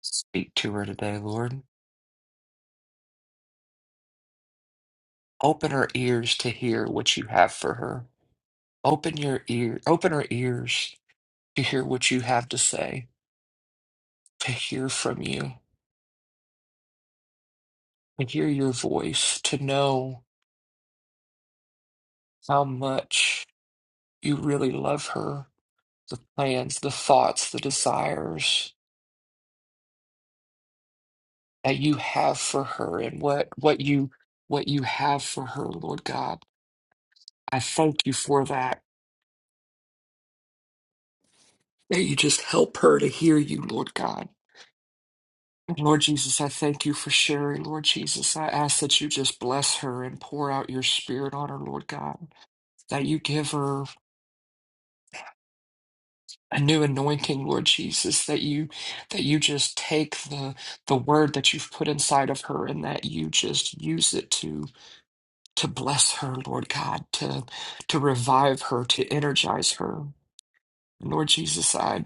speak to her today, Lord. Open her ears to hear what you have for her. Open your ear, open her ears to hear what you have to say, to hear from you, to hear your voice, to know how much you really love her, the plans, the thoughts, the desires that you have for her and what what you what you have for her, Lord God. I thank you for that. That you just help her to hear you, Lord God. And Lord Jesus, I thank you for sharing, Lord Jesus. I ask that you just bless her and pour out your spirit on her, Lord God. That you give her a new anointing, Lord Jesus. That you that you just take the the word that you've put inside of her and that you just use it to to bless her, Lord God, to to revive her, to energize her. Lord Jesus, I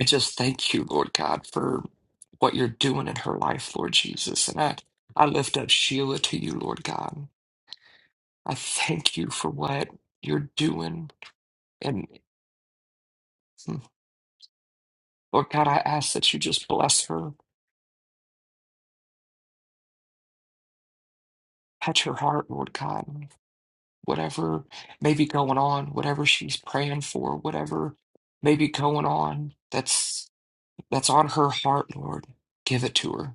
I just thank you, Lord God, for what you're doing in her life, Lord Jesus. And I, I lift up Sheila to you, Lord God. I thank you for what you're doing. And mm, Lord God, I ask that you just bless her, touch her heart, Lord God. Whatever may be going on, whatever she's praying for, whatever may be going on, that's that's on her heart, Lord. Give it to her.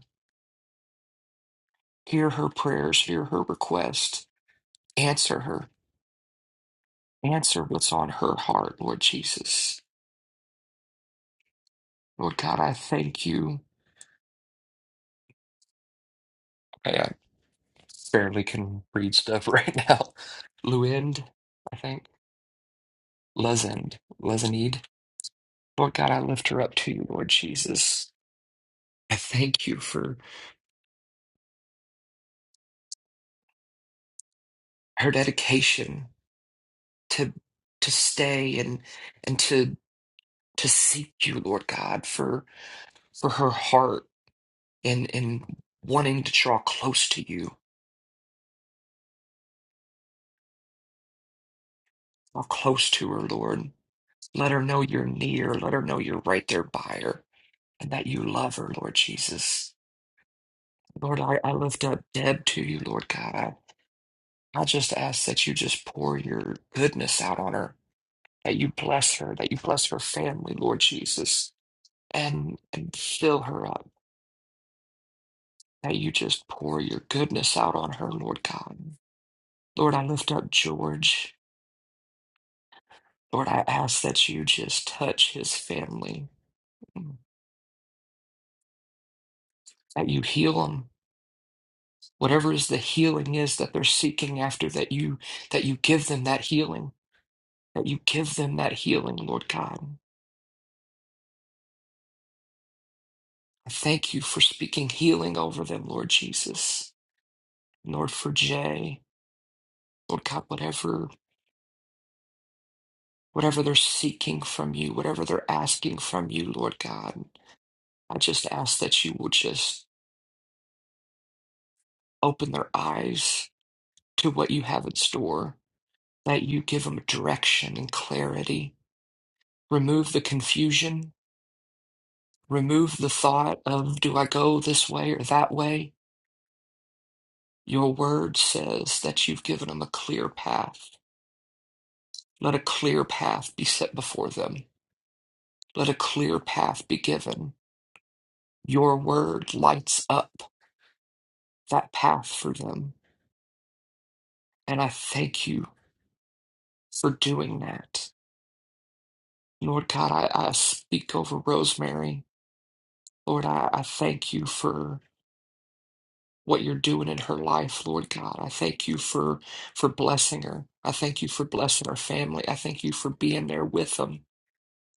Hear her prayers, hear her requests. Answer her. Answer what's on her heart, Lord Jesus. Lord God, I thank you. I I barely can read stuff right now. Luend, I think. Lezend. Lezenid. Lord God, I lift her up to you, Lord Jesus. I thank you for her dedication to to stay and and to to seek you, Lord God, for for her heart in in wanting to draw close to you, draw close to her, Lord. Let her know you're near. Let her know you're right there by her and that you love her, Lord Jesus. Lord, I, I lift up Deb to you, Lord God. I, I just ask that you just pour your goodness out on her, that you bless her, that you bless her family, Lord Jesus, and, and fill her up, that you just pour your goodness out on her, Lord God. Lord, I lift up George. Lord, I ask that you just touch his family, mm, that you heal them. Whatever is the healing is that they're seeking after, that you that you give them that healing, that you give them that healing, Lord God. I thank you for speaking healing over them, Lord Jesus. And Lord, for Jay, Lord God, whatever whatever they're seeking from you, whatever they're asking from you, Lord God, I just ask that you will just open their eyes to what you have in store that you give them direction and clarity. Remove the confusion. Remove the thought of, do I go this way or that way? Your word says that you've given them a clear path. Let a clear path be set before them. Let a clear path be given. Your word lights up that path for them. And I thank you for doing that. Lord God, I, I speak over Rosemary. Lord, I, I thank you for what you're doing in her life, Lord God. I thank you for for blessing her. I thank you for blessing her family. I thank you for being there with them.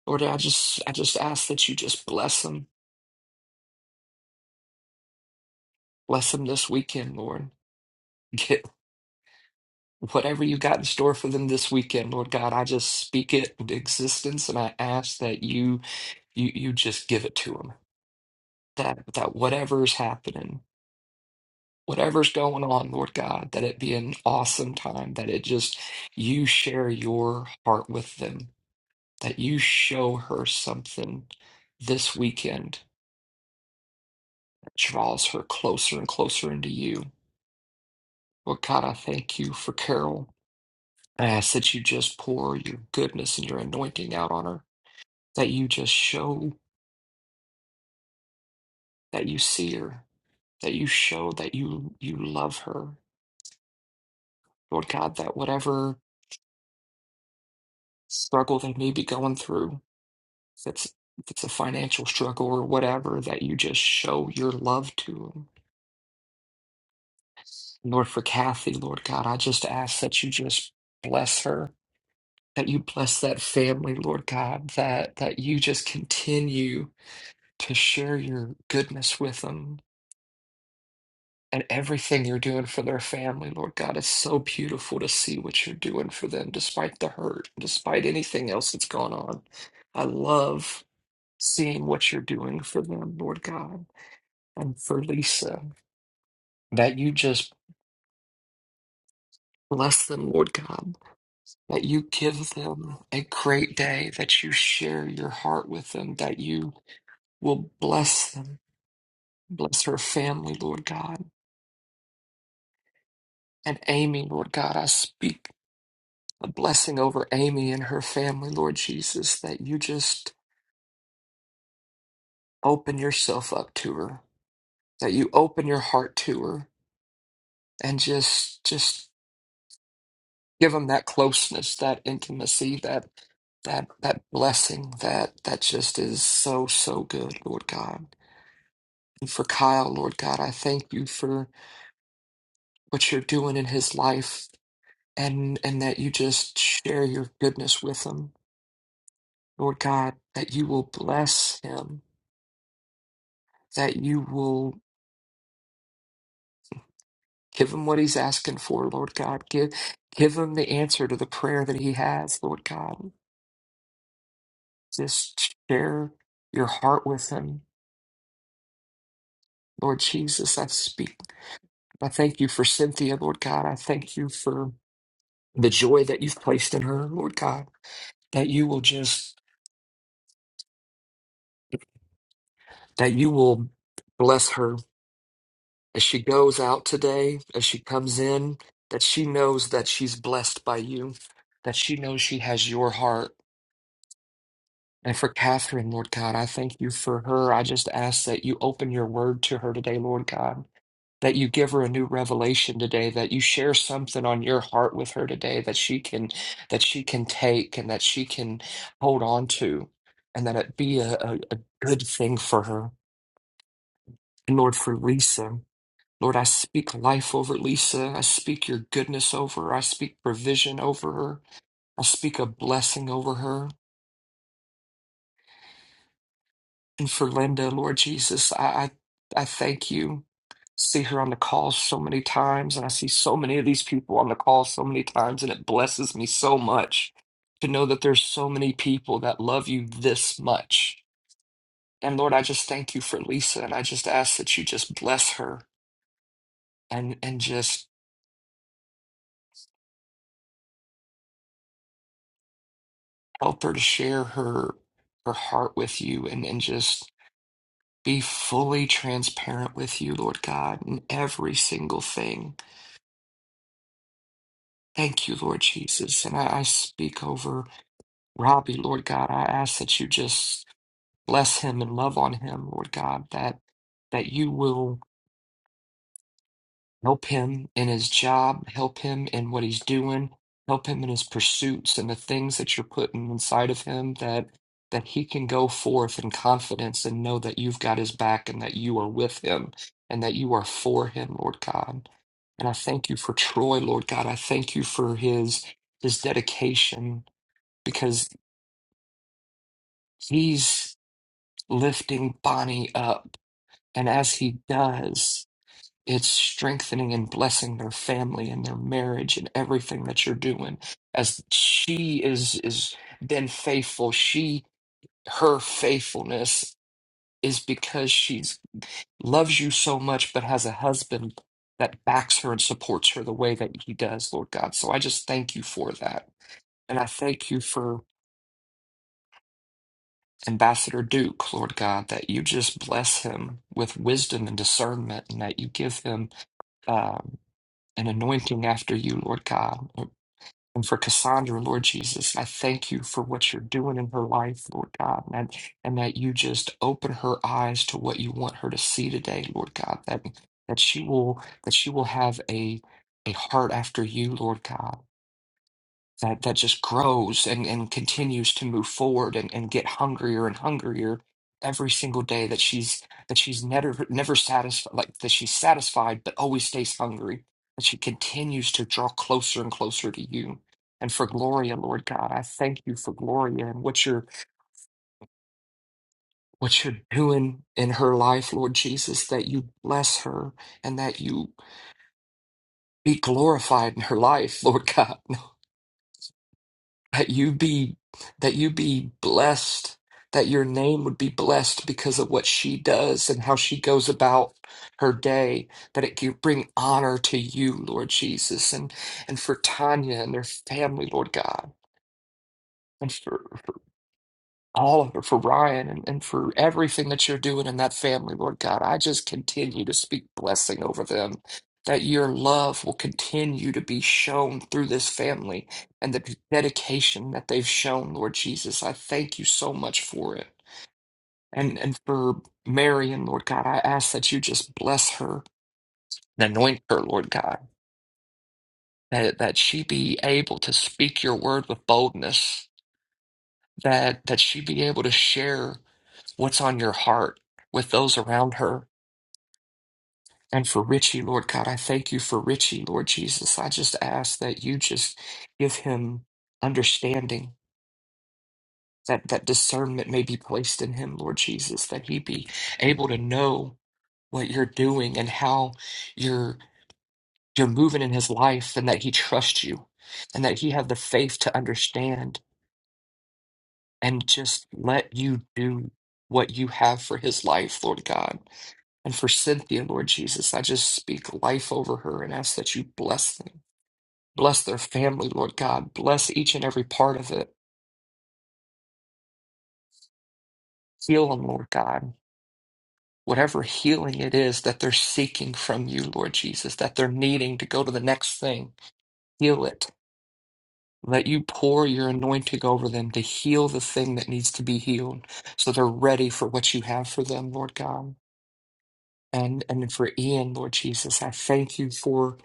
Lord, I just I just ask that you just bless them. Bless them this weekend, Lord. Get whatever you got in store for them this weekend, Lord God. I just speak it into existence and I ask that you you you just give it to them. That that whatever's happening, whatever's going on, Lord God, that it be an awesome time, that it just you share your heart with them that you show her something this weekend that draws her closer and closer into you. Well, God, I thank you for Carol. I ask that you just pour your goodness and your anointing out on her, that you just show that you see her, that you show that you you love her. Lord God, that whatever struggle they may be going through, if it's if it's a financial struggle or whatever, that you just show your love to them Lord, for Kathy, Lord God, I just ask that you just bless her, that you bless that family, Lord God, that that you just continue to share your goodness with them and everything you're doing for their family, Lord God. It's so beautiful to see what you're doing for them, despite the hurt, despite anything else that's gone on. I love seeing what you're doing for them, Lord God, and for Lisa, that you just bless them, Lord God that you give them a great day, that you share your heart with them, that you will bless them, bless her family, Lord God. And Amy, Lord God, I speak a blessing over Amy and her family, Lord Jesus, that you just open yourself up to her, that you open your heart to her and just just give them that closeness, that intimacy, that that that blessing that that just is so so good, Lord God. And for Kyle, Lord God. I thank you for what you're doing in his life and and that you just share your goodness with him, Lord God, that you will bless him, that you will give him what he's asking for, Lord God. Give give him the answer to the prayer that he has, Lord God. Just share your heart with him. Lord Jesus, I speak. I thank you for Cynthia, Lord God. I thank you for the joy that you've placed in her, Lord God that you will just that you will bless her as she goes out today, as she comes in, that she knows that she's blessed by you, that she knows she has your heart. And for Catherine, Lord God, I thank you for her. I just ask that you open your word to her today, Lord God, that you give her a new revelation today, that you share something on your heart with her today that she can that she can take and that she can hold on to, and that it be a, a, a good thing for her. And Lord, for Lisa. Lord, I speak life over Lisa. I speak your goodness over her. I speak provision over her. I speak a blessing over her. And for Linda, Lord Jesus, I, I, I thank you. See her on the call so many times, and I see so many of these people on the call so many times, and it blesses me so much to know that there's so many people that love you this much. And Lord, I just thank you for Lisa, and I just ask that you just bless her and and just help her to share her her heart with you and and just be fully transparent with you, Lord God, in every single thing. Thank you, Lord Jesus. And I, I speak over Robbie, Lord God. I ask that you just bless him and love on him, Lord God, that that you will Help him in his job, help him in what he's doing, help him in his pursuits and the things that you're putting inside of him that that he can go forth in confidence and know that you've got his back and that you are with him and that you are for him, Lord God. And I thank you for Troy, Lord God. I thank you for his his dedication because he's lifting Bonnie up. And as he does, It's strengthening and blessing their family and their marriage and everything that you're doing. As she is is been faithful, she her faithfulness is because she's loves you so much, but has a husband that backs her and supports her the way that he does, Lord God. So I just thank you for that. And I thank you for Ambassador Duke, Lord God, that you just bless him with wisdom and discernment and that you give him um, an anointing after you, Lord God, and for Cassandra, Lord Jesus. I thank you for what you're doing in her life, Lord God, and, that- and that you just open her eyes to what you want her to see today, Lord God. That that she will that she will have a a heart after you, Lord God that that just grows and, and continues to move forward and, and get hungrier and hungrier every single day that she's that she's never never satisfied like that she's satisfied but always stays hungry that she continues to draw closer and closer to you and for gloria lord god i thank you for gloria and what you're what you're doing in her life lord jesus that you bless her and that you be glorified in her life lord god that you be that you be blessed that your name would be blessed because of what she does and how she goes about her day that it could bring honor to you lord jesus and and for tanya and their family lord god and for all of it for Ryan and, and for everything that you're doing in that family, Lord God. I just continue to speak blessing over them, that your love will continue to be shown through this family and the dedication that they've shown, Lord Jesus. I thank you so much for it. And and for Marion, Lord God, I ask that you just bless her and anoint her, Lord God, that, that she be able to speak your word with boldness, that that she be able to share. what's on your heart with those around her. And for Richie, Lord God, I thank you for Richie, Lord Jesus. I just ask that you just give him understanding, that, that discernment may be placed in him, Lord Jesus, that he be able to know what you're doing and how you're you're moving in his life and that he trusts you and that he have the faith to understand and just let you do what you have for his life, Lord God. And for Cynthia, Lord Jesus, I just speak life over her and ask that you bless them. Bless their family, Lord God. Bless each and every part of it. Heal them, Lord God. Whatever healing it is that they're seeking from you, Lord Jesus, that they're needing to go to the next thing, heal it. Let you pour your anointing over them to heal the thing that needs to be healed so they're ready for what you have for them, Lord God. And, and for Ian, Lord Jesus, I thank you for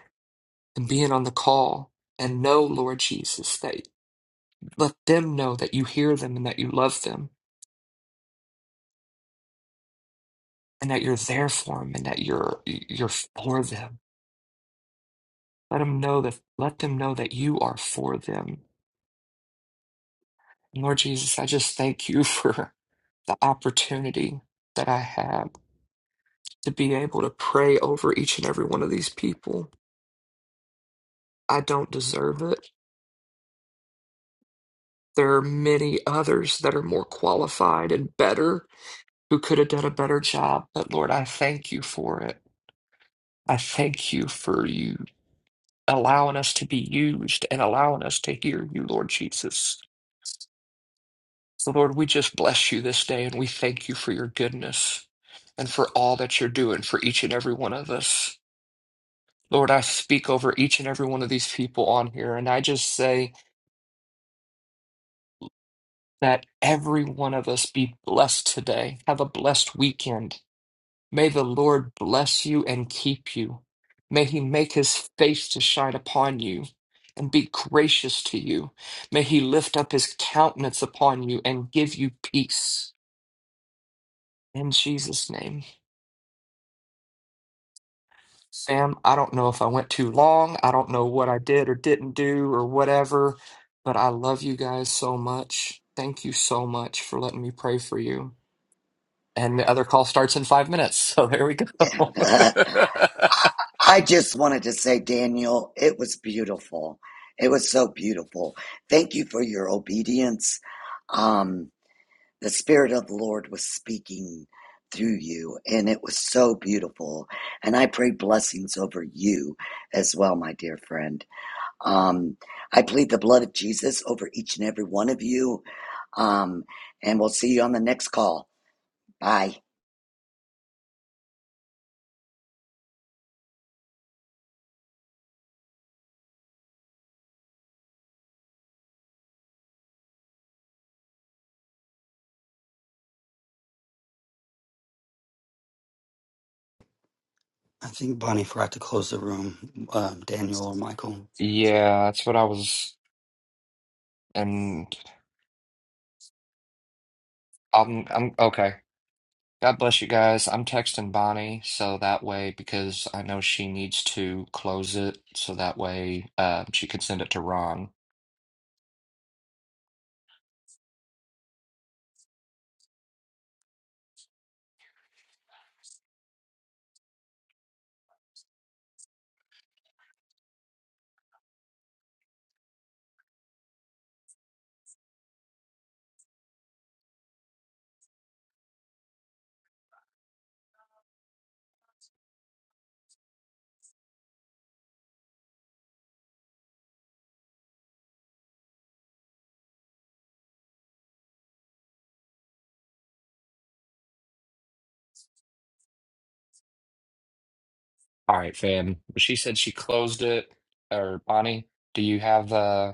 and being on the call and know, Lord Jesus, that let them know that you hear them and that you love them and that you're there for them and that you're you're for them. Let them know that let them know that you are for them. And Lord Jesus, I just thank you for the opportunity that I have to be able to pray over each and every one of these people. I don't deserve it. There are many others that are more qualified and better who could have done a better job, but Lord, I thank you for it. I thank you for you allowing us to be used and allowing us to hear you, Lord Jesus. So, Lord, we just bless you this day and we thank you for your goodness and for all that you're doing for each and every one of us. Lord, I speak over each and every one of these people on here, and I just say that every one of us be blessed today. Have a blessed weekend. May the Lord bless you and keep you. May he make his face to shine upon you and be gracious to you. May he lift up his countenance upon you and give you peace. In Jesus' name. Sam, I don't know if I went too long. I don't know what I did or didn't do or whatever, but I love you guys so much. Thank you so much for letting me pray for you. And the other call starts in five minutes. So there we go. I I just wanted to say, Daniel, it was beautiful. It was so beautiful. Thank you for your obedience. Um. the spirit of the lord was speaking through you and it was so beautiful and i pray blessings over you as well my dear friend um i plead the blood of jesus over each and every one of you um and we'll see you on the next call bye i think bonnie forgot to close the room um, daniel or michael Yeah, that's what I was. And I'm I'm okay. God bless you guys. I'm texting Bonnie so that way because I know she needs to close it so that way uh, she can send it to Ron. All right, fam. She said she closed it. Or Bonnie, do you have uh?